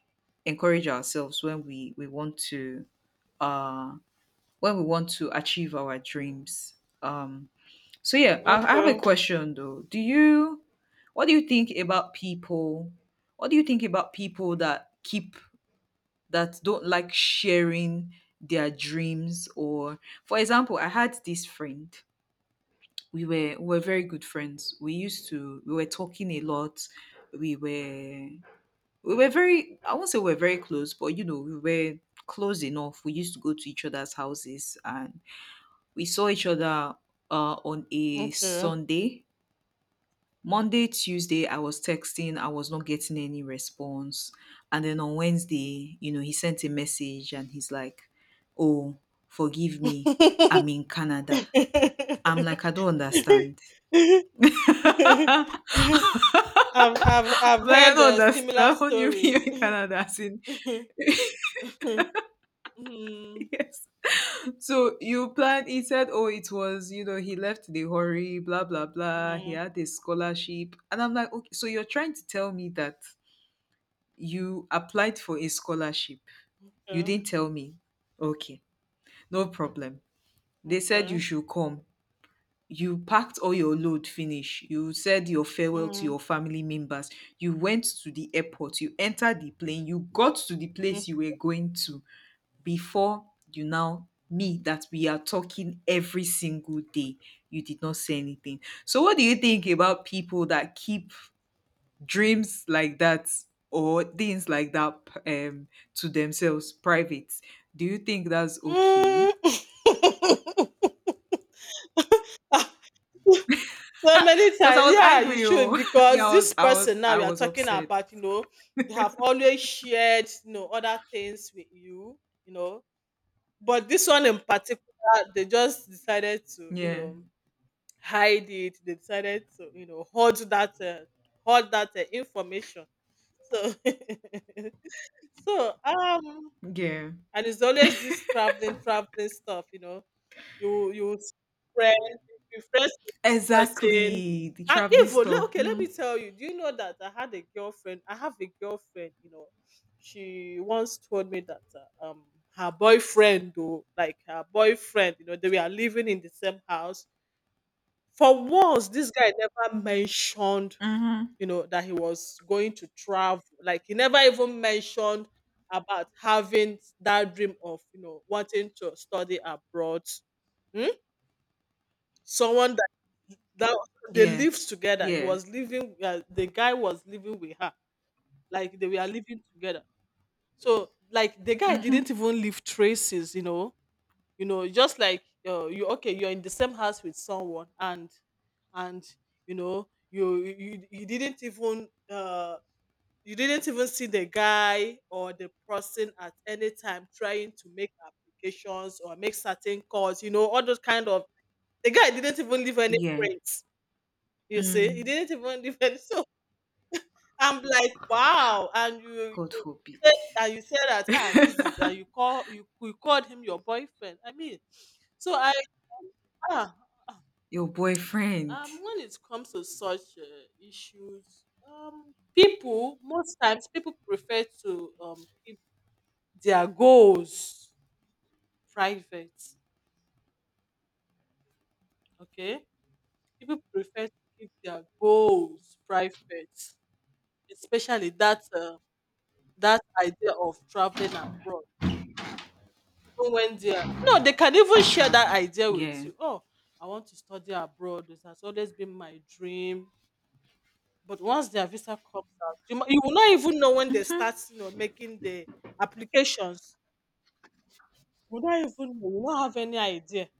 Speaker 2: encourage ourselves when we we want to uh when we want to achieve our dreams. Um, so yeah, I, I have a question though. Do you, what do you think about people? What do you think about people that keep that don't like sharing their dreams? Or, for example, I had this friend. We were we were very good friends. We used to we were talking a lot. We were we were very I won't say we we're very close, but you know we were close enough. We used to go to each other's houses, and we saw each other uh, on a
Speaker 1: Okay. Okay.
Speaker 2: Sunday. Monday, Tuesday, I was texting, I was not getting any response. And then on Wednesday, you know, he sent a message and he's like, oh, forgive me, I'm in Canada. I'm like, I don't understand. I'm
Speaker 1: I've, I've I've
Speaker 2: like, I
Speaker 1: heard
Speaker 2: don't
Speaker 1: uh, similar
Speaker 2: understand what do you mean
Speaker 1: stories.
Speaker 2: in Canada. As in,
Speaker 1: mm, mm,
Speaker 2: yes. So you planned, he said, oh, it was, you know, he left the hurry, blah, blah, blah. He had a scholarship. And I'm like, okay, so you're trying to tell me that you applied for a scholarship. You
Speaker 1: okay.
Speaker 2: didn't tell me. Okay, no problem. They said you
Speaker 1: Okay.
Speaker 2: should come. You packed all your load finish. You said your farewell to your family members. You went to the airport. You entered the plane. You got to the
Speaker 1: Mm,
Speaker 2: place you were going to before you now me that we are talking every single day. You did not say anything. So what do you think about people that keep dreams like that or things like that p- um to themselves private, do you think that's
Speaker 1: mm.
Speaker 2: okay?
Speaker 1: So many
Speaker 2: Because I
Speaker 1: times,
Speaker 2: was
Speaker 1: yeah, you
Speaker 2: angry oh.
Speaker 1: should
Speaker 2: Me, i
Speaker 1: because this
Speaker 2: was i was
Speaker 1: person now
Speaker 2: i
Speaker 1: we are
Speaker 2: was
Speaker 1: talking
Speaker 2: upset.
Speaker 1: about, you know, they have always shared, you know, other things with you, you know, but this one in particular, they just decided to, you
Speaker 2: Yeah,
Speaker 1: know, hide it. They decided to, you know, hold that, uh, hold that uh, information. So, so um,
Speaker 2: yeah,
Speaker 1: and it's always this traveling, traveling stuff, you know, you you spread, be friends with this person.
Speaker 2: exactly, the
Speaker 1: And
Speaker 2: traveling
Speaker 1: even le-
Speaker 2: stuff.
Speaker 1: okay, let me
Speaker 2: Mm.
Speaker 1: tell you. Do you know that I had a girlfriend? I have a girlfriend. You know, she once told me that uh, um her boyfriend, though, like her boyfriend, you know, they were living in the same house. For once, this guy never mentioned,
Speaker 2: Hmm,
Speaker 1: you know, that he was going to travel. Like he never even mentioned about having that dream of, you know, wanting to study abroad. Hmm? Someone that that they
Speaker 2: yeah,
Speaker 1: lived together. He
Speaker 2: yeah,
Speaker 1: was living. Uh, the guy was living with her. Like they were living together. So like the guy
Speaker 2: mm-hmm.
Speaker 1: didn't even leave traces. You know. You know. Just like uh, you. Okay, you're in the same house with someone, and and you know you you, you didn't even uh you didn't even see the guy or the person at any time trying to make applications or make certain calls. You know all those kind of. The guy didn't even leave any
Speaker 2: Yeah.
Speaker 1: prints, you see, it
Speaker 2: Mm.
Speaker 1: didn't even depend. So I'm like, wow. And you,
Speaker 2: God
Speaker 1: you
Speaker 2: forbid.
Speaker 1: said, and you said that ah, this is that you call, you, you called him your boyfriend. I mean, so I ah, ah,
Speaker 2: Your boyfriend.
Speaker 1: um when it comes to such uh, issues, um people, most times people prefer to um keep their goals private. Okay, people prefer to keep their goals private, especially that. Uh, that idea of traveling abroad, even when they are no, they can even share that
Speaker 2: Traveling,
Speaker 1: idea with
Speaker 2: yeah,
Speaker 1: you. Oh, I want to study abroad. It has always been my dream. But once their visa comes out, you, mi- you will not even know when they start, you know, making the applications. You will not even know. You will not have any idea.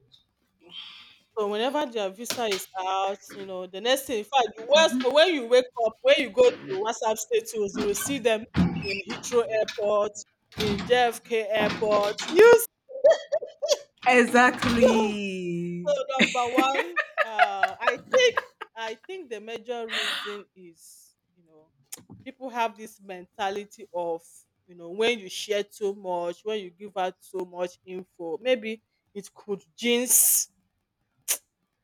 Speaker 1: So whenever their visa is out, you know, the next thing, in fact, you was, when you wake up, when you go to WhatsApp status, you will see them in Heathrow Airport, in J F K Airport. You So
Speaker 2: exactly.
Speaker 1: number one, uh, I think I think the major reason is, you know, people have this mentality of, you know, when you share too much, when you give out so much info, maybe it could jinx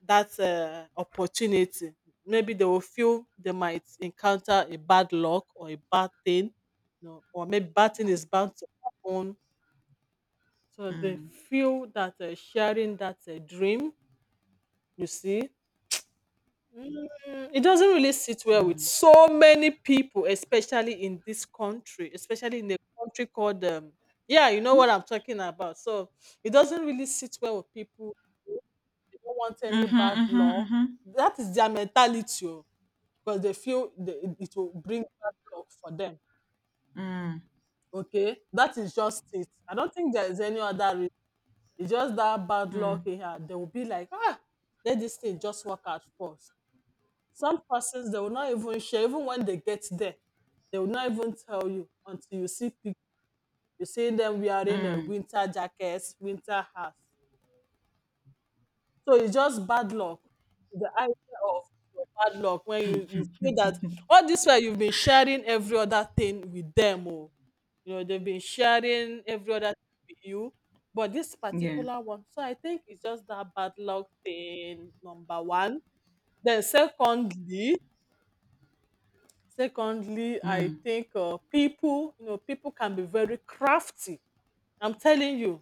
Speaker 1: that uh, opportunity. Maybe they will feel they might encounter a bad luck or a bad thing, you know, or maybe bad thing is bound to happen. So they
Speaker 2: Mm,
Speaker 1: feel that uh, sharing that uh, dream, you see, Mm, it doesn't really sit well with
Speaker 2: mm.
Speaker 1: so many people, especially in this country, especially in a country called um, yeah, you know what I'm talking about. So it doesn't really sit well with people. They don't want any
Speaker 2: Mhm,
Speaker 1: bad
Speaker 2: mhm,
Speaker 1: luck.
Speaker 2: mhm.
Speaker 1: That is their mentality oh, because they feel they, it it will bring bad luck for them.
Speaker 2: Mm,
Speaker 1: Okay, that is just it. I don't think there is any other reason. It's just that bad luck
Speaker 2: mm,
Speaker 1: here. They will be like, ah, let this thing just work out first. Some persons they will not even share, even when they get there, they will not even tell you until you see pic- you see them wearing a
Speaker 2: mm.
Speaker 1: winter jackets, winter hats. So it's just bad luck. The idea of bad luck when you, you feel that all this while you've been sharing every other thing with them, oh, you know, they've been sharing every other thing with you. But this
Speaker 2: Yeah.
Speaker 1: particular one, so I think it's just that bad luck thing, number one. Then secondly, secondly I
Speaker 2: Mm.
Speaker 1: think uh, people, you know, people can be very crafty, I'm telling you,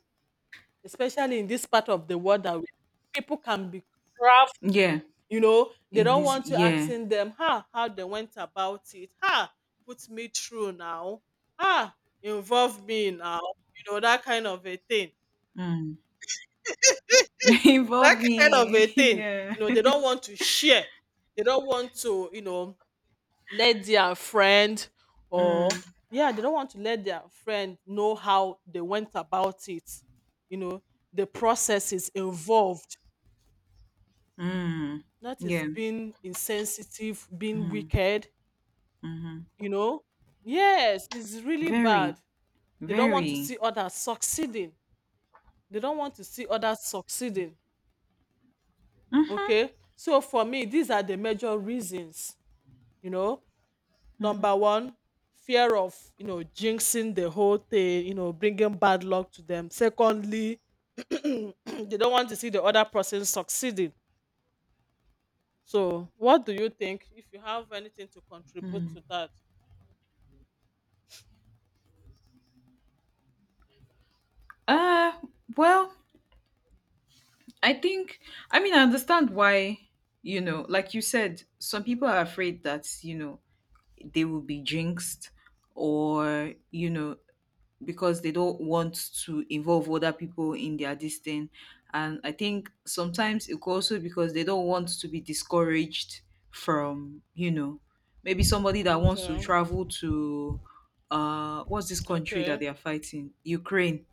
Speaker 1: especially in this part of the world that we, people can be crafty,
Speaker 2: Yeah.
Speaker 1: you know, they
Speaker 2: In
Speaker 1: don't
Speaker 2: this,
Speaker 1: want you
Speaker 2: yeah.
Speaker 1: asking them how how they went about it, ha, put me through now, ah, involve me now, you know, that kind of a thing,
Speaker 2: Mm.
Speaker 1: that
Speaker 2: Involve
Speaker 1: kind of a
Speaker 2: me.
Speaker 1: thing,
Speaker 2: Yeah.
Speaker 1: you know, they don't want to share, they don't want to, you know, let their friend
Speaker 2: Mm,
Speaker 1: or yeah, they don't want to let their friend know how they went about it, you know, the processes involved,
Speaker 2: mm.
Speaker 1: that is
Speaker 2: Yeah.
Speaker 1: being insensitive, being
Speaker 2: Mm,
Speaker 1: wicked,
Speaker 2: mm-hmm.
Speaker 1: you know, yes, it's really bad,
Speaker 2: Very,
Speaker 1: they don't want to
Speaker 2: very.
Speaker 1: see others succeeding, they don't want to see others succeeding.
Speaker 2: Mm-hmm,
Speaker 1: Okay, so for me these are the major reasons, you know.
Speaker 2: mm-hmm.
Speaker 1: Number one, fear of, you know, jinxing the whole thing, you know, bringing bad luck to them. Secondly, they don't want to see the other person succeeding. So, what do you think if you have anything to contribute
Speaker 2: Mm.
Speaker 1: to that?
Speaker 2: Uh, well, I think, I mean, I understand why, you know, like you said, some people are afraid that, you know, they will be jinxed, or, you know, because they don't want to involve other people in their this thing. And I think sometimes it could also because they don't want to be discouraged from, you know, maybe somebody that wants to
Speaker 1: Okay.
Speaker 2: travel to uh what's this country that
Speaker 1: Okay.
Speaker 2: they are fighting? Ukraine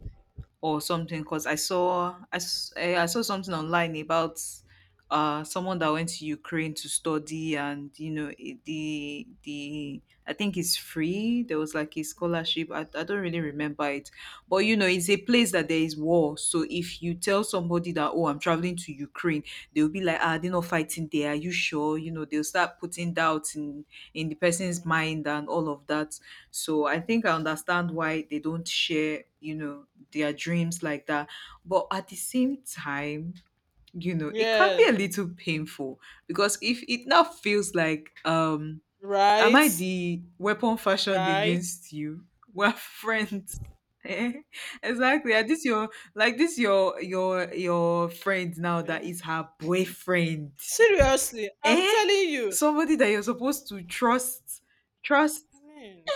Speaker 2: or something, because I saw I, s- eh, I saw something online about uh someone that went to Ukraine to study. And you know it- the the I think it's free. There was like a scholarship. I, I don't really remember it, but you know it's a place that there is war. So if you tell somebody that, oh, I'm traveling to Ukraine, they'll be like, ah, they're not fighting there, are you sure? You know, they'll start putting doubts in in the person's mind and all of that. So I think I understand why they don't share, you know, their dreams like that. But at the same time, you know, it can
Speaker 1: Yes.
Speaker 2: be a little painful because if it now feels like, um, am
Speaker 1: Right.
Speaker 2: I the weapon fashioned
Speaker 1: Right.
Speaker 2: against you? We're friends. Eh? Exactly. And this your, like this your your your friend now that
Speaker 1: Okay.
Speaker 2: is her boyfriend.
Speaker 1: Seriously, I'm
Speaker 2: Eh?
Speaker 1: telling you.
Speaker 2: Somebody that you're supposed to trust, trust
Speaker 1: I mean,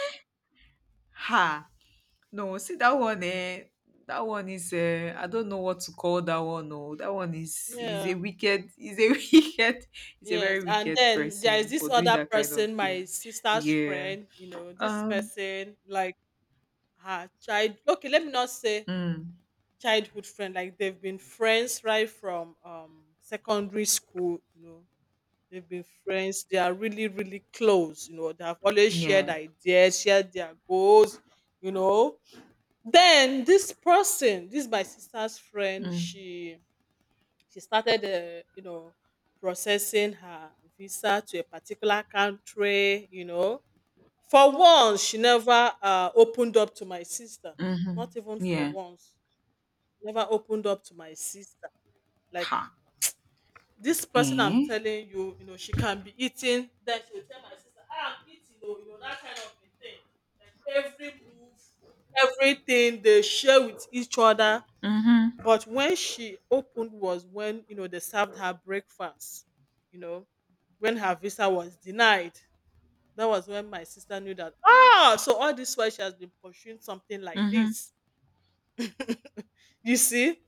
Speaker 2: her. No, see that one, eh? That one is uh, I don't know what to call that one. No, that one is is a
Speaker 1: yeah.
Speaker 2: wicked, is a wicked, is a
Speaker 1: Yes.
Speaker 2: very
Speaker 1: And
Speaker 2: wicked
Speaker 1: then there is
Speaker 2: person
Speaker 1: this
Speaker 2: for doing
Speaker 1: other
Speaker 2: that kind of
Speaker 1: person, my
Speaker 2: thing.
Speaker 1: sister's
Speaker 2: Yeah.
Speaker 1: friend, you know, this
Speaker 2: Um.
Speaker 1: person, like her child, okay, let me not say
Speaker 2: Mm,
Speaker 1: childhood friend, like they've been friends right from um secondary school, you know, they've been friends, they are really really close, you know, they have always shared
Speaker 2: yeah.
Speaker 1: ideas, shared their goals, you know, then this person, this my sister's friend,
Speaker 2: Mm,
Speaker 1: she she started uh, you know, processing her visa to a particular country, you know, for once, she never uh, opened up to my sister.
Speaker 2: mm-hmm.
Speaker 1: Not even for
Speaker 2: Yeah.
Speaker 1: once. Never opened up to my sister. Like
Speaker 2: Ha.
Speaker 1: this person I'm
Speaker 2: Eh.
Speaker 1: telling you, you know, she can be eating. Then she will tell my sister, "Ah, I'm eating, oh," you know, that kind of a thing. Like every move, everything they share with each other.
Speaker 2: Mm-hmm.
Speaker 1: But when she opened was when, you know, they served her breakfast, you know, when her visa was denied, that was when my sister knew that, ah, so all this while she has been pursuing something like
Speaker 2: Mm-hmm.
Speaker 1: this. You see,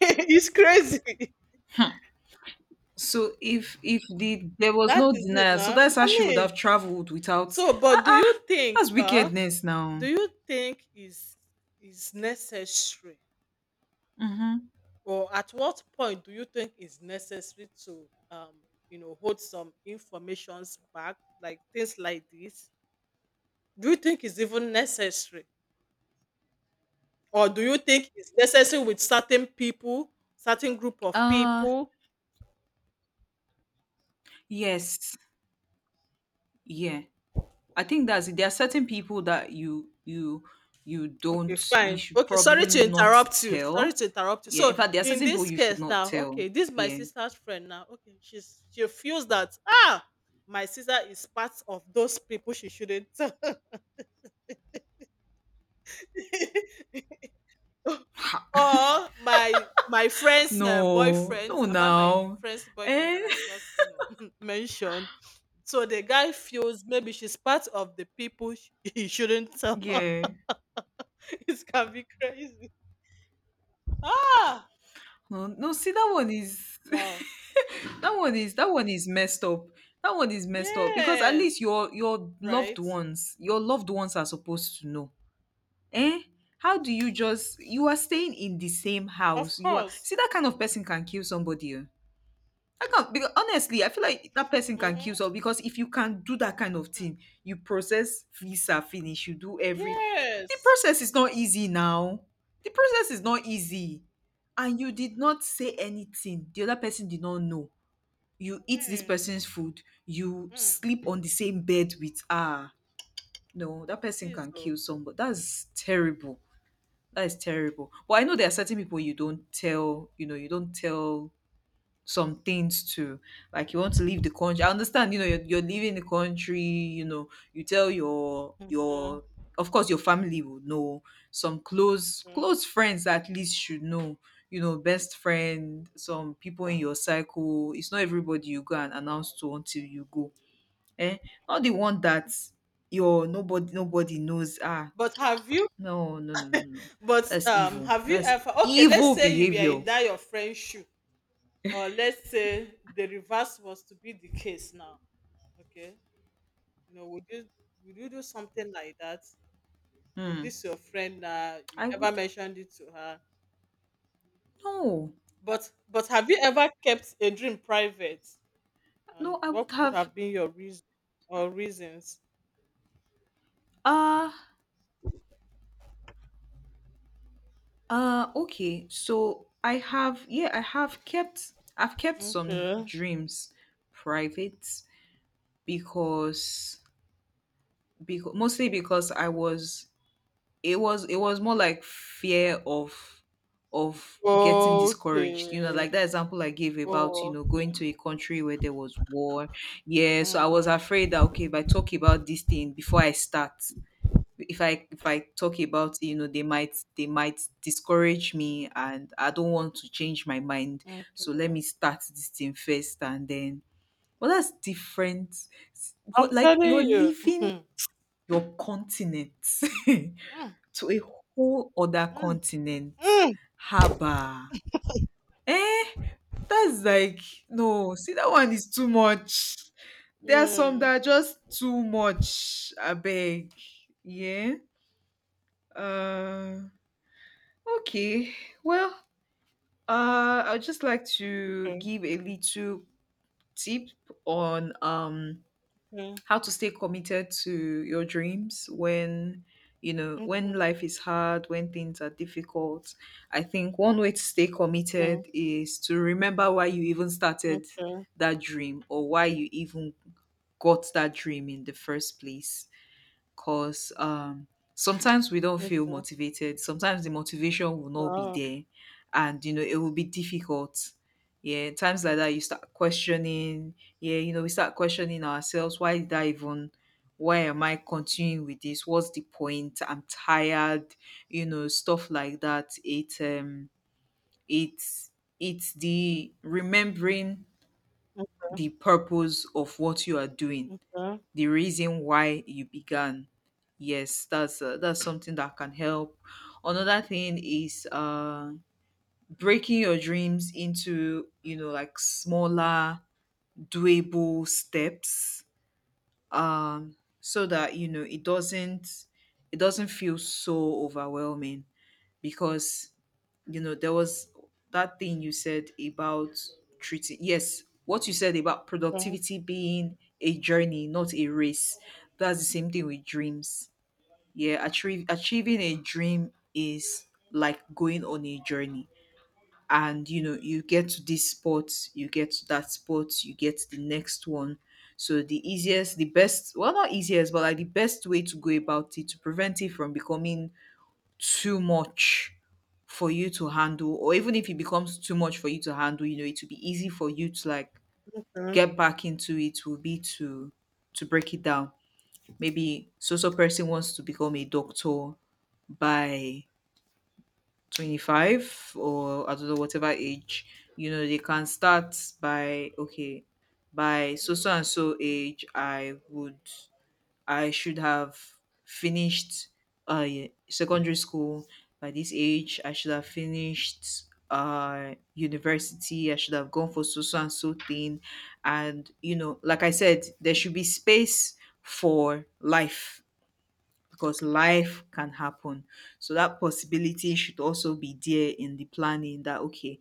Speaker 1: it's crazy.
Speaker 2: Huh. So if if the there was
Speaker 1: That
Speaker 2: no
Speaker 1: is it
Speaker 2: denial, so
Speaker 1: now.
Speaker 2: that's how
Speaker 1: I
Speaker 2: she would
Speaker 1: mean,
Speaker 2: have traveled without.
Speaker 1: so,
Speaker 2: Ah
Speaker 1: but do
Speaker 2: ah.
Speaker 1: you think,
Speaker 2: That's
Speaker 1: uh,
Speaker 2: wickedness now.
Speaker 1: do you think is is necessary,
Speaker 2: Mm-hmm.
Speaker 1: or at what point do you think is necessary to, um, you know, hold some informations back, like things like this? Do you think is even necessary, or do you think it's necessary with certain people, certain group of
Speaker 2: Uh.
Speaker 1: people?
Speaker 2: Yes. Yeah. I think that's it. There are certain people that you you you
Speaker 1: Okay,
Speaker 2: don't, you
Speaker 1: fine.
Speaker 2: should
Speaker 1: Okay, sorry
Speaker 2: probably
Speaker 1: to
Speaker 2: not
Speaker 1: interrupt you. Sorry
Speaker 2: tell.
Speaker 1: to interrupt you.
Speaker 2: Yeah. In
Speaker 1: So
Speaker 2: fact, there are
Speaker 1: in
Speaker 2: certain people
Speaker 1: this
Speaker 2: you should
Speaker 1: case
Speaker 2: not
Speaker 1: now,
Speaker 2: tell.
Speaker 1: okay, this my
Speaker 2: Yeah.
Speaker 1: sister's friend now. Okay, she's she feels that ah, my sister is part of those people she shouldn't. Or my my friend's uh,
Speaker 2: No,
Speaker 1: boyfriend,
Speaker 2: no
Speaker 1: about my
Speaker 2: now.
Speaker 1: friend's boyfriend
Speaker 2: Eh?
Speaker 1: that I just you know mentioned. So the guy feels maybe she's part of the people sh- he shouldn't tell.
Speaker 2: Yeah.
Speaker 1: It can be crazy. Ah,
Speaker 2: No, no, see that one is
Speaker 1: wow.
Speaker 2: that one is that one is messed up. That one is messed up because at
Speaker 1: Yes.
Speaker 2: least your your loved
Speaker 1: Right?
Speaker 2: ones, your loved ones are supposed to know. Eh? How do you just, you are staying in the same
Speaker 1: Of
Speaker 2: house? You are,
Speaker 1: course.
Speaker 2: see that kind of person can kill somebody. Oh. I can't, because honestly, I feel like that person can kill
Speaker 1: Mm-hmm.
Speaker 2: someone, because if you can do that kind of thing, you process visa finish, you do every, the
Speaker 1: Yes.
Speaker 2: process is not easy now. The process is not easy. And you did not say anything. The other person did not know. You eat this
Speaker 1: Amen.
Speaker 2: person's food, you
Speaker 1: Mm.
Speaker 2: sleep on the same bed with, ah, no, that
Speaker 1: It
Speaker 2: person
Speaker 1: is.
Speaker 2: can
Speaker 1: Oh.
Speaker 2: kill somebody. That's terrible. That is terrible. But I know there are certain people you don't tell, you know, you don't tell some things too. Like you want to leave the country. I understand, you know, you're, you're leaving the country, you know, you tell your
Speaker 1: Yeah,
Speaker 2: your of course your family will know. Some close
Speaker 1: yeah,
Speaker 2: close friends at least should know, you know, best friend, some people in your cycle. It's not everybody you go and announce to until you go. Eh? Not the one that your, nobody
Speaker 1: okay.
Speaker 2: nobody knows. Ah,
Speaker 1: But have you
Speaker 2: no, no, no, no, no.
Speaker 1: but
Speaker 2: That's
Speaker 1: um
Speaker 2: evil.
Speaker 1: have you
Speaker 2: That's
Speaker 1: ever, okay, let's
Speaker 2: evil
Speaker 1: say you were
Speaker 2: behavior.
Speaker 1: in that your friend's shoe, or let's say the reverse was to be the case now. Okay. You know, would you would you do something like that? No,
Speaker 2: Hmm.
Speaker 1: this your friend uh you
Speaker 2: I
Speaker 1: never
Speaker 2: would,
Speaker 1: mentioned it to her.
Speaker 2: no.
Speaker 1: But but have you ever kept a dream private? And
Speaker 2: No, I would
Speaker 1: what could
Speaker 2: have
Speaker 1: have been your reason or reasons?
Speaker 2: uh uh okay. So I have, yeah, I have kept, I've kept some
Speaker 1: Okay.
Speaker 2: dreams private, because because mostly because I was, it was it was more like fear of of getting discouraged, you know,
Speaker 1: Okay.
Speaker 2: like that example I gave about, you know,
Speaker 1: Okay.
Speaker 2: going to a country where there was war. Yeah, so I was
Speaker 1: Mm,
Speaker 2: afraid that, okay, if I talk about this thing before I start, if I if I talk about it, you know, they might, they might discourage me, and I don't want to change my mind. So
Speaker 1: okay.
Speaker 2: let me start this thing first, and then, well, that's different.
Speaker 1: I'm
Speaker 2: But like you're
Speaker 1: telling you.
Speaker 2: leaving your continent to a whole other
Speaker 1: Mm,
Speaker 2: continent.
Speaker 1: mm, mm.
Speaker 2: Haba. Eh, that's like, no, see that one is too much. There are some that
Speaker 1: Yeah.
Speaker 2: are just too much. I beg. Yeah. Uh Okay. Well, uh, I'd just like to
Speaker 1: Okay.
Speaker 2: give a little tip on um
Speaker 1: Okay. Mm,
Speaker 2: how to stay committed to your dreams when, you know, when
Speaker 1: mm,
Speaker 2: life is hard, when things are difficult. I think one way to stay committed
Speaker 1: mm.
Speaker 2: is to remember why you even started
Speaker 1: Okay.
Speaker 2: that dream, or why you even got that dream in the first place. Because um, sometimes we don't feel
Speaker 1: Okay.
Speaker 2: motivated. Sometimes the motivation will not be
Speaker 1: Wow.
Speaker 2: there, and you know it will be difficult. Yeah, times like that, you start questioning. Yeah, you know, we start questioning ourselves. Why did I even? Why am I continuing with this? What's the point? I'm tired. You know, stuff like that. It, um, it's it's the remembering
Speaker 1: Mm,
Speaker 2: the purpose of what you are doing,
Speaker 1: okay.
Speaker 2: the reason why you began. Yes, that's uh, that's something that can help. Another thing is uh breaking your dreams into, you know, like smaller, doable steps, um so that, you know, it doesn't, it doesn't feel so overwhelming. Because, you know, there was that thing you said about treating, yes, what you said about
Speaker 1: Okay.
Speaker 2: productivity being a journey not a race. That's the same thing with dreams. Yeah, achieve, achieving a dream is like going on a journey, and you know you get to this spot, you get to that spot, you get the next one. So the easiest, the best, well, not easiest but like the best way to go about it to prevent it from becoming too much for you to handle, or even if it becomes too much for you to handle, you know it will be easy for you to like
Speaker 1: Okay.
Speaker 2: get back into, it will be to to break it down. Maybe so so person wants to become a doctor by twenty-five, or I don't know, whatever age, you know, they can start by, okay, by so so and so age I would, I should have finished uh secondary school by this age. I should have finished uh university. I should have gone for so so and so thing. And you know, like I said, there should be space for life, because life can happen. So that possibility should also be there in the planning, that okay,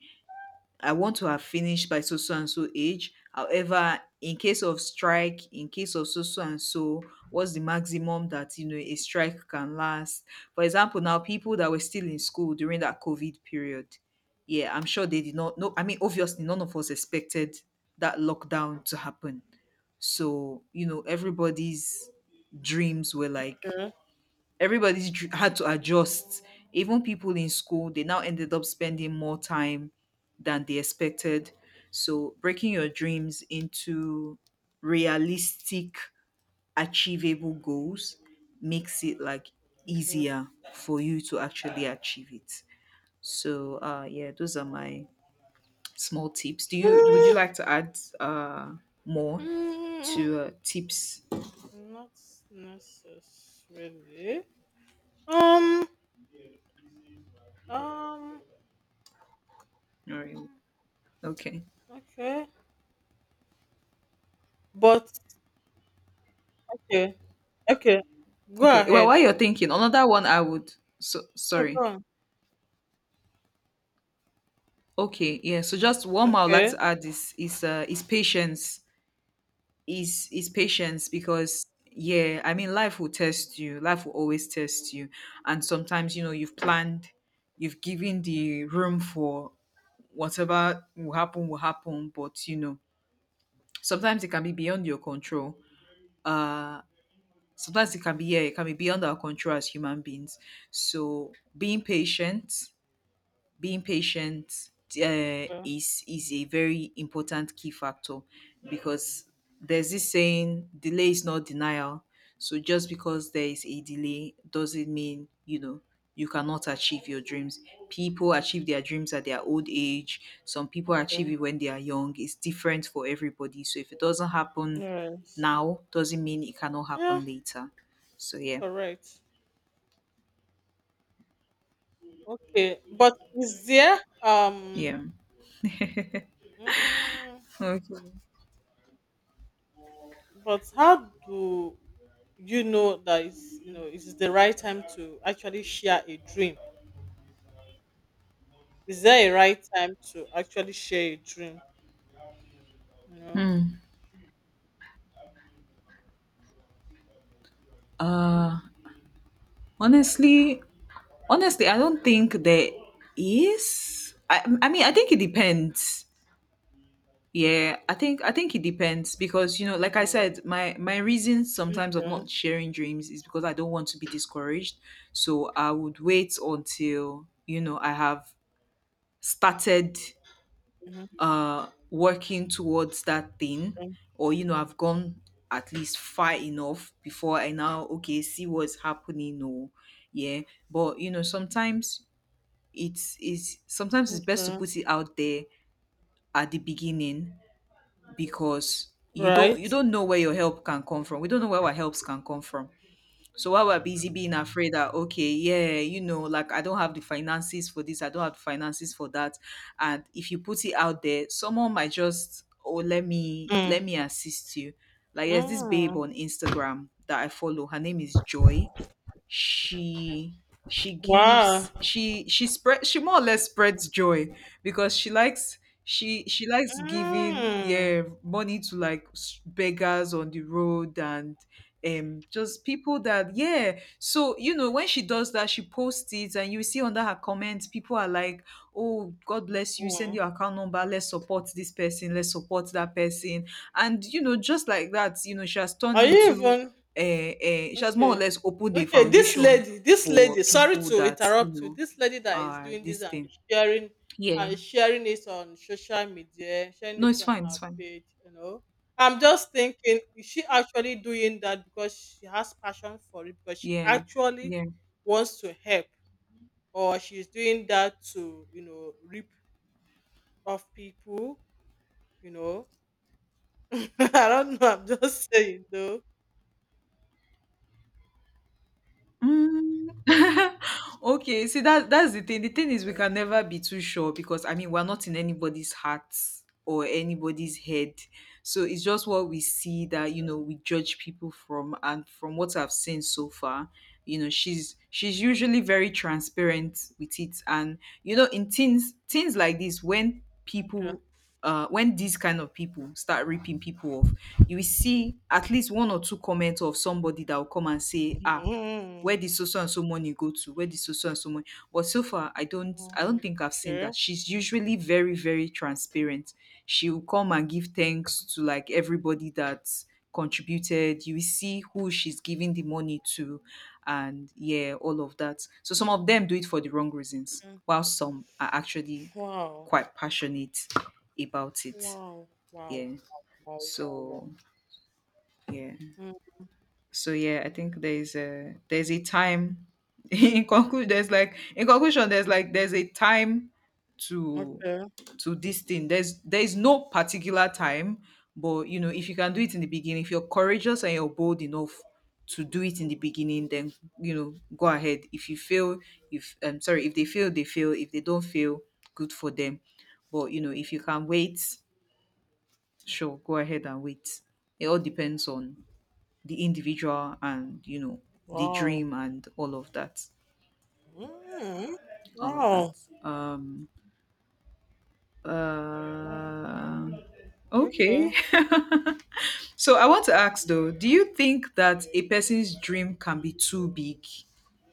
Speaker 2: I want to have finished by so so and so age. However, in case of strike, in case of so so and so, what's the maximum that, you know, a strike can last? For example, now people that were still in school during that COVID period, yeah, I'm sure they did not know. I mean, obviously, none of us expected that lockdown to happen. So, you know, everybody's dreams were like,
Speaker 1: Okay.
Speaker 2: everybody's dr- had to adjust. Even people in school, they now ended up spending more time than they expected. So breaking your dreams into realistic, achievable goals makes it like
Speaker 1: Okay.
Speaker 2: easier for you to actually achieve it. So uh, yeah, those are my small tips. Do you, would you like to add uh,
Speaker 1: Hmm,
Speaker 2: more
Speaker 1: mm,
Speaker 2: to uh, tips? All
Speaker 1: not necessarily. Um. Um.
Speaker 2: right.
Speaker 1: Mm,
Speaker 2: Okay.
Speaker 1: okay. But. Okay. Okay. Go
Speaker 2: Okay. Well,
Speaker 1: ahead.
Speaker 2: while you're thinking, another one I would, so
Speaker 1: Oh, go
Speaker 2: sorry.
Speaker 1: on.
Speaker 2: Okay, yeah. So just one more I would like
Speaker 1: Okay.
Speaker 2: to add is is uh is patience. Is is patience, because yeah, I mean life will test you. Life will always test you. And sometimes, you know, you've planned, you've given the room for whatever will happen will happen, but you know, sometimes it can be beyond your control. Uh Sometimes it can be, yeah, it can be beyond our control as human beings. So being patient, being patient uh,
Speaker 1: Yeah.
Speaker 2: is is a very important key factor, because there's this saying, delay is not denial. So just because there is a delay doesn't mean, you know, you cannot achieve your dreams. People achieve their dreams at their old age, some people achieve
Speaker 1: Yeah.
Speaker 2: it when they are young, it's different for everybody. So if it doesn't happen
Speaker 1: Yes.
Speaker 2: now, doesn't mean it cannot
Speaker 1: Yeah.
Speaker 2: happen later. So yeah.
Speaker 1: Correct. Okay. But is there um?
Speaker 2: Yeah,
Speaker 1: Mm,
Speaker 2: okay.
Speaker 1: but how do you know that is you know is the right time to actually share a dream? Is there a right time to actually share a dream? You know.
Speaker 2: Hmm. Uh, honestly, honestly, I don't think there is. I, I mean, I think it depends. Yeah, I think I think it depends, because you know, like I
Speaker 1: Mm,
Speaker 2: said, my my reason sometimes of
Speaker 1: okay.
Speaker 2: not sharing dreams is because I don't want to be discouraged. So I would wait until, you know, I have started
Speaker 1: Mhm,
Speaker 2: uh working towards that thing,
Speaker 1: okay.
Speaker 2: or you know I've gone at least far enough before I now, okay, see what's happening, or yeah. But you know sometimes it's is sometimes it's best to
Speaker 1: Okay.
Speaker 2: put it out there at the beginning, because you don't,
Speaker 1: Right.
Speaker 2: you don't know where your help can come from. We don't know where our helps can come from. So while we're busy being afraid that, okay, yeah, you know, like, I don't have the finances for this, I don't have the finances for that. And if you put it out there, someone might just, oh, let me,
Speaker 1: Mm.
Speaker 2: let me assist you. Like there's this babe
Speaker 1: Mm.
Speaker 2: on Instagram that I follow. Her name is Joy. she she gives
Speaker 1: Wow.
Speaker 2: she she spread she more or less spreads joy because she likes she she likes giving
Speaker 1: Mm.
Speaker 2: yeah money to like s- beggars on the road and um just people that, yeah. So you know, when she does that she posts it and you see under her comments people are like, oh god bless you, send
Speaker 1: Mm.
Speaker 2: your account number, let's support this person, let's support that person. And you know, just like that, you know, she has turned
Speaker 1: Are you
Speaker 2: into
Speaker 1: even
Speaker 2: uh, uh, she has more or
Speaker 1: okay?
Speaker 2: less opened the
Speaker 1: Okay, this
Speaker 2: foundation
Speaker 1: lady, this
Speaker 2: for
Speaker 1: lady. Sorry
Speaker 2: people
Speaker 1: to
Speaker 2: that, you
Speaker 1: interrupt you.
Speaker 2: know,
Speaker 1: This lady that is
Speaker 2: are
Speaker 1: doing this
Speaker 2: this
Speaker 1: and
Speaker 2: thing.
Speaker 1: sharing
Speaker 2: Yeah.
Speaker 1: and sharing it on social media, sharing
Speaker 2: No,
Speaker 1: it
Speaker 2: it's
Speaker 1: on
Speaker 2: fine. It's
Speaker 1: her
Speaker 2: fine.
Speaker 1: page. You know, I'm just thinking, is she actually doing that because she has passion for it? Because she
Speaker 2: Yeah.
Speaker 1: actually
Speaker 2: Yeah.
Speaker 1: wants to help, or she's doing that to you know rip off people? You know, I don't know. I'm just saying though.
Speaker 2: Mm. Okay, see that that's the thing. The thing is we
Speaker 1: Okay.
Speaker 2: can never be too sure because I mean we're not in anybody's heart or anybody's head. So it's just what we see that, you know, we judge people from, and from what I've seen so far, you know, she's she's usually very transparent with it. And you know, in things things like this, when
Speaker 1: Okay.
Speaker 2: people uh, when these kind of people start ripping people off, you will see at least one or two comments of somebody that will come and say, ah,
Speaker 1: Mm.
Speaker 2: where did so so and so money go to, where did so so and so money, but so far i don't i don't
Speaker 1: Wow.
Speaker 2: think I've seen
Speaker 1: Okay.
Speaker 2: that. She's usually very, very transparent. She will come and give thanks to like everybody that contributed. You will see who she's giving the money to, and yeah, all of that. So some of them do it for the wrong reasons
Speaker 1: Okay.
Speaker 2: while some are actually
Speaker 1: Wow.
Speaker 2: quite passionate about it,
Speaker 1: Wow. Wow.
Speaker 2: yeah.
Speaker 1: Wow. Wow. Wow.
Speaker 2: So yeah,
Speaker 1: Mm,
Speaker 2: so yeah, I think there's a there's a time. In conclusion, there's like, in conclusion, there's like, there's a time to
Speaker 1: okay.
Speaker 2: to this thing. There's there's no particular time, but you know, if you can do it in the beginning, if you're courageous and you're bold enough to do it in the beginning, then you know, go ahead. If you fail, if I'm sorry, if they fail, they fail. If they don't fail, good for them. But you know, if you can wait, sure, go ahead and wait. It all depends on the individual and, you know, the
Speaker 1: Wow.
Speaker 2: dream and all of that,
Speaker 1: Mm,
Speaker 2: all of
Speaker 1: wow.
Speaker 2: that, um uh,
Speaker 1: Okay.
Speaker 2: okay. So I want to ask though, do you think that a person's dream can be too big?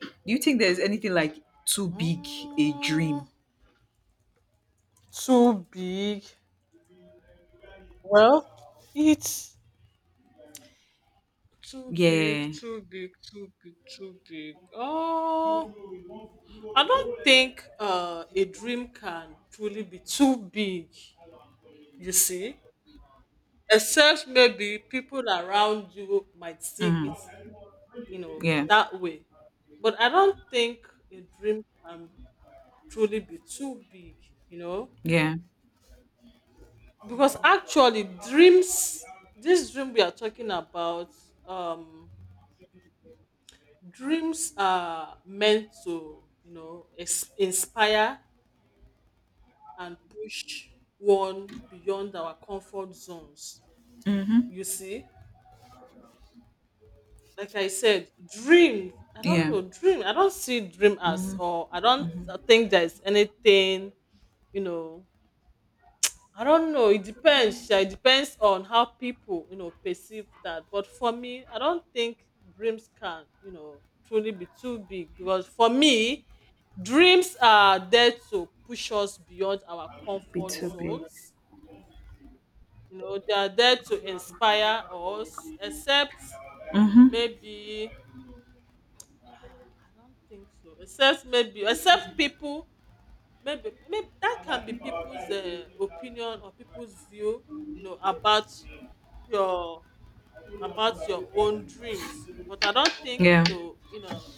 Speaker 2: Do you think there's anything like too big a
Speaker 1: Mm,
Speaker 2: dream?
Speaker 1: Too big. Well, it's too big,
Speaker 2: Yeah.
Speaker 1: too big, too big, too big. Oh, I don't think uh, a dream can truly be too big, you see, except maybe people around you might see it,
Speaker 2: Mm,
Speaker 1: you know,
Speaker 2: yeah.
Speaker 1: that way. But I don't think a dream can truly be too big, you know,
Speaker 2: Yeah.
Speaker 1: because actually dreams, this dream we are talking about, um, dreams are meant to, you know, ex- inspire and push one beyond our comfort zones.
Speaker 2: Mm-hmm.
Speaker 1: You see, like I said, dream. I don't
Speaker 2: Yeah.
Speaker 1: know, dream. I don't see dream as,
Speaker 2: Mm-hmm.
Speaker 1: or I don't think there's anything, you know, I don't know. It depends. Sha, it depends on how people, you know, perceive that. But for me, I don't think dreams can, you know, truly be too big because for me, dreams are there to push us beyond our
Speaker 2: Be
Speaker 1: comfort
Speaker 2: too big.
Speaker 1: zones. You know, they are there to inspire us, except
Speaker 2: Mhm.
Speaker 1: maybe ah, I don't think so. Except maybe, except people, maybe, maybe that can be people's uh, opinion or people's view, you know, about your about your own dreams, but I don't think,
Speaker 2: Yeah.
Speaker 1: you know you know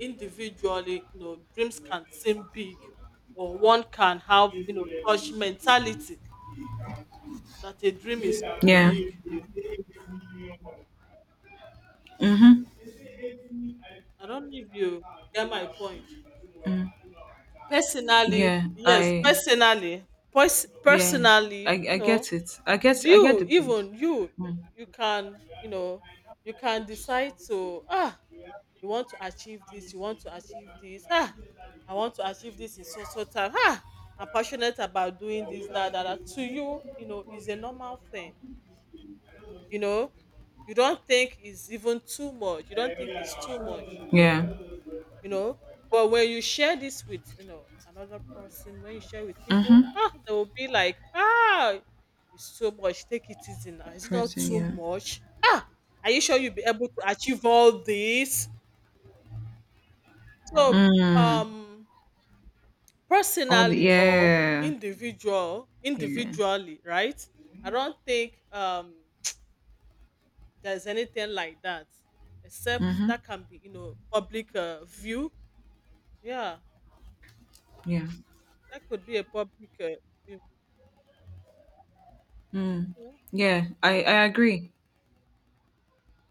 Speaker 1: individually, you know dreams can seem big, or one can have, you know such mentality that a dream is too
Speaker 2: Yeah.
Speaker 1: big.
Speaker 2: Mhm.
Speaker 1: I don't know if you get my point. Personally,
Speaker 2: Yeah.
Speaker 1: yes.
Speaker 2: I.
Speaker 1: Personally, pers-
Speaker 2: Yeah. I.
Speaker 1: personally,
Speaker 2: I
Speaker 1: no.
Speaker 2: get it. I get. I get
Speaker 1: you
Speaker 2: the point.
Speaker 1: even you
Speaker 2: Mm.
Speaker 1: you can you know you can decide to ah you want to achieve this you want to achieve this ah I want to achieve this in so so time, ah I'm passionate about doing this, that, that, that. To you, you know is a normal thing. You know, you don't think it's even too much. You don't think it's too much,
Speaker 2: Yeah.
Speaker 1: you know. But when you share this with, you know another person, when you share with
Speaker 2: Mhm.
Speaker 1: people, ah, they will be like, ah, it's so much. Take it easy now. It's not
Speaker 2: Person.
Speaker 1: too
Speaker 2: Yeah.
Speaker 1: much. Ah, are you sure you'll be able to achieve all this? So,
Speaker 2: Mm.
Speaker 1: um,
Speaker 2: All the.
Speaker 1: personally or
Speaker 2: Yeah.
Speaker 1: individual,
Speaker 2: Yeah.
Speaker 1: individually, right? I don't think um there's anything like that, except
Speaker 2: Mhm.
Speaker 1: that can be, you know public uh, view. Yeah,
Speaker 2: Yeah.
Speaker 1: that could be a public uh, view.
Speaker 2: Mm. Yeah. I. I agree.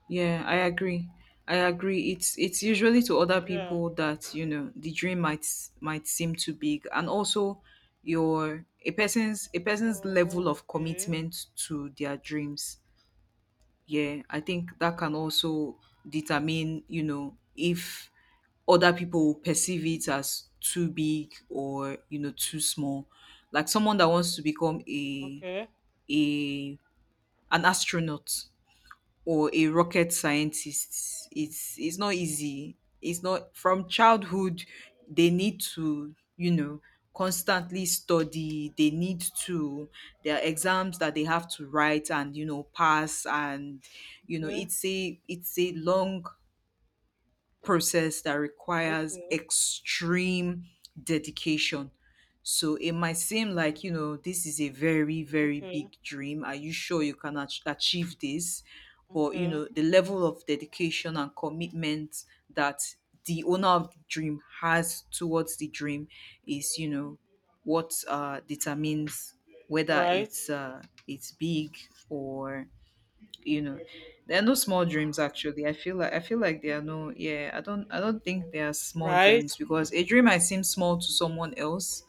Speaker 2: Yeah, I agree. I agree. It's it's usually to other
Speaker 1: Yeah.
Speaker 2: people that, you know, the dream might might seem too big, and also your, a person's a person's level
Speaker 1: Oh,
Speaker 2: of
Speaker 1: okay.
Speaker 2: commitment to their dreams. Yeah, I think that can also determine, you know, if other people perceive it as too big or, you know, too small. Like someone that wants to become a
Speaker 1: Okay.
Speaker 2: a an astronaut or a rocket scientist. It's it's not easy. It's not, from childhood they need to, you know, constantly study. They need to, there are exams that they have to write and, you know, pass, and you know,
Speaker 1: Okay.
Speaker 2: it's a it's a long process that requires
Speaker 1: Okay.
Speaker 2: extreme dedication. So it might seem like, you know, this is a very, very
Speaker 1: Okay.
Speaker 2: big dream. Are you sure you can ach- achieve this? But, you
Speaker 1: Okay.
Speaker 2: know, the level of dedication and commitment that the owner of the dream has towards the dream is, you know, what uh, determines whether
Speaker 1: Right.
Speaker 2: it's uh, it's big or, you know, there are no small dreams actually. I feel like, I feel like there are no, yeah, i don't i don't think there are small
Speaker 1: Right.
Speaker 2: dreams, because a dream might seem small to someone else,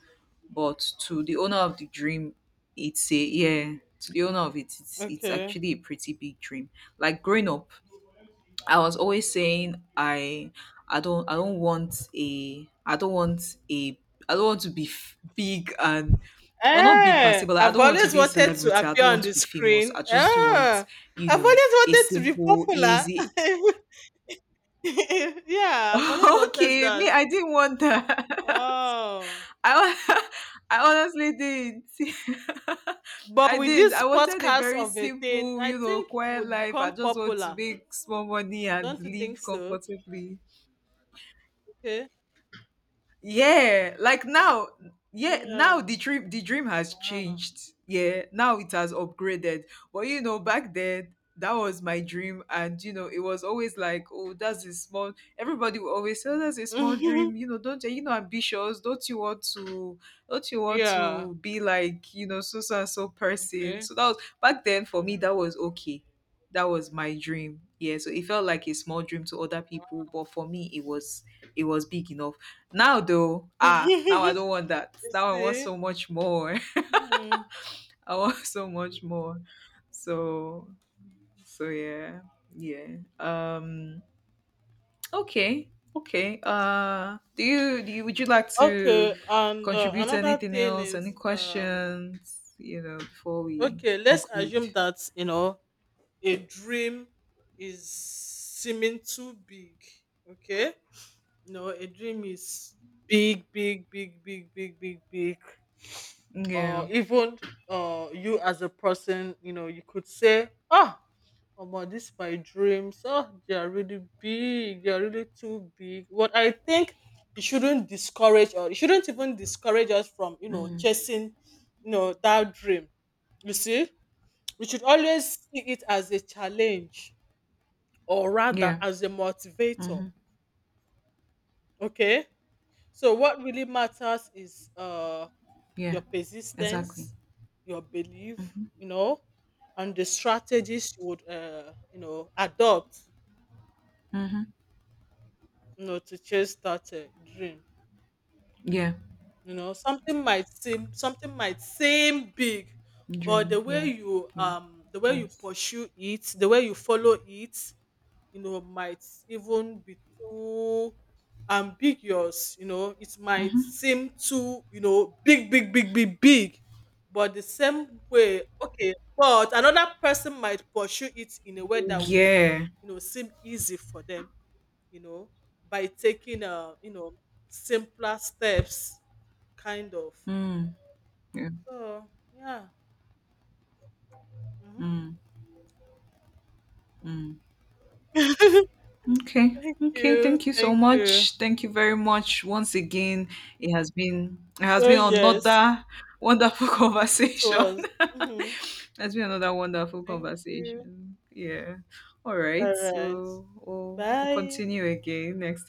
Speaker 2: but to the owner of the dream, it's a, yeah, to the owner of it, it's it's
Speaker 1: Okay.
Speaker 2: actually a pretty big dream. Like growing up I was always saying I, I don't I don't want a I don't want a I don't want to be f- big, and well not big per
Speaker 1: Eh,
Speaker 2: se, but like, I
Speaker 1: I've
Speaker 2: don't want to
Speaker 1: always
Speaker 2: be a
Speaker 1: wanted to
Speaker 2: celebrity, I
Speaker 1: appear
Speaker 2: don't
Speaker 1: on
Speaker 2: want
Speaker 1: the
Speaker 2: to be famous,
Speaker 1: screen.
Speaker 2: I just want,
Speaker 1: Ah,
Speaker 2: you
Speaker 1: I've always
Speaker 2: know, a
Speaker 1: wanted to be
Speaker 2: simple
Speaker 1: popular.
Speaker 2: easy,
Speaker 1: Yeah, I've always wanted
Speaker 2: okay,
Speaker 1: that.
Speaker 2: me I didn't want that.
Speaker 1: Oh.
Speaker 2: I hon- I honestly didn't.
Speaker 1: But
Speaker 2: I
Speaker 1: with
Speaker 2: didn't,
Speaker 1: this
Speaker 2: I wanted a
Speaker 1: podcast
Speaker 2: very
Speaker 1: of a thing,
Speaker 2: simple,
Speaker 1: I
Speaker 2: you know,
Speaker 1: think you
Speaker 2: quiet
Speaker 1: would
Speaker 2: life. I
Speaker 1: become
Speaker 2: just want to
Speaker 1: popular.
Speaker 2: make small money and
Speaker 1: Don't you think
Speaker 2: live
Speaker 1: so?
Speaker 2: comfortably,
Speaker 1: Okay.
Speaker 2: yeah. Like now, yeah, now
Speaker 1: Yeah.
Speaker 2: the dream, the dream has
Speaker 1: Wow.
Speaker 2: changed. Yeah, now it has upgraded. But you know, back then that was my dream, and you know, it was always like, oh that's a small, everybody will always say, oh, that's a small dream, you know, don't you know, ambitious, don't you want to, don't you want
Speaker 1: Yeah.
Speaker 2: to be like, you know, so so and so person.
Speaker 1: Okay.
Speaker 2: So that was back then for me, that was okay, that was my dream, yeah. So it felt like a small dream to other people, but for me it was, it was big enough. Now though, ah, now I don't want that.
Speaker 1: You
Speaker 2: Now I want
Speaker 1: see?
Speaker 2: so much more.
Speaker 1: Mhm.
Speaker 2: I want so much more. So, so yeah. Yeah. Um, okay. Okay. Uh, do you, do you, would you like to
Speaker 1: Okay, and uh,
Speaker 2: contribute
Speaker 1: another
Speaker 2: anything
Speaker 1: thing
Speaker 2: else? Any
Speaker 1: is, um,
Speaker 2: questions, you know, before we
Speaker 1: okay, let's
Speaker 2: conclude?
Speaker 1: assume that, you know, a dream is seeming too big. Okay, no, a dream is big, big, big, big, big, big, big. Or
Speaker 2: Yeah.
Speaker 1: even uh, you as a person, you know, you could say, "Oh, Omo, this my dreams. Oh, they are really big. They are really too big." But I think it shouldn't discourage, or it shouldn't even discourage us from, you know,
Speaker 2: Mm.
Speaker 1: chasing, you know, that dream. You see, we should always see it as a challenge or rather
Speaker 2: Yeah.
Speaker 1: as a motivator.
Speaker 2: Mhm.
Speaker 1: Okay. So what really matters is uh
Speaker 2: Yeah.
Speaker 1: your
Speaker 2: Exactly.
Speaker 1: persistence, your belief, you know, and the strategies you would uh you know adopt.
Speaker 2: Mhm.
Speaker 1: No, to chase started dream.
Speaker 2: Yeah.
Speaker 1: You know, something might seem something might seem big, but the
Speaker 2: Dream.
Speaker 1: way
Speaker 2: Yeah.
Speaker 1: you,
Speaker 2: Yeah.
Speaker 1: um the way you
Speaker 2: Yes.
Speaker 1: pursue it, the way you follow it, you know, might even be too ambiguous, you know, it might
Speaker 2: Mhm.
Speaker 1: seem too, you know, big, big, big, big, big. But the same way, okay, but another person might pursue it in a way that would,
Speaker 2: Yeah.
Speaker 1: you know, seem easy for them, you know, by taking uh, you know, simpler steps, kind of.
Speaker 2: Mm. Yeah.
Speaker 1: So yeah. Hmm.
Speaker 2: Mm, mm. Okay.
Speaker 1: Thank
Speaker 2: Okay.
Speaker 1: you.
Speaker 2: Thank you so
Speaker 1: Thank you.
Speaker 2: much. Thank you very much once again. It has been, it has
Speaker 1: Oh
Speaker 2: been
Speaker 1: yes,
Speaker 2: another wonderful
Speaker 1: it
Speaker 2: conversation.
Speaker 1: was. Hmm.
Speaker 2: It's been another wonderful
Speaker 1: Thank you.
Speaker 2: conversation. Yeah. All
Speaker 1: All
Speaker 2: right.
Speaker 1: right.
Speaker 2: So we'll, we'll
Speaker 1: Bye.
Speaker 2: continue again next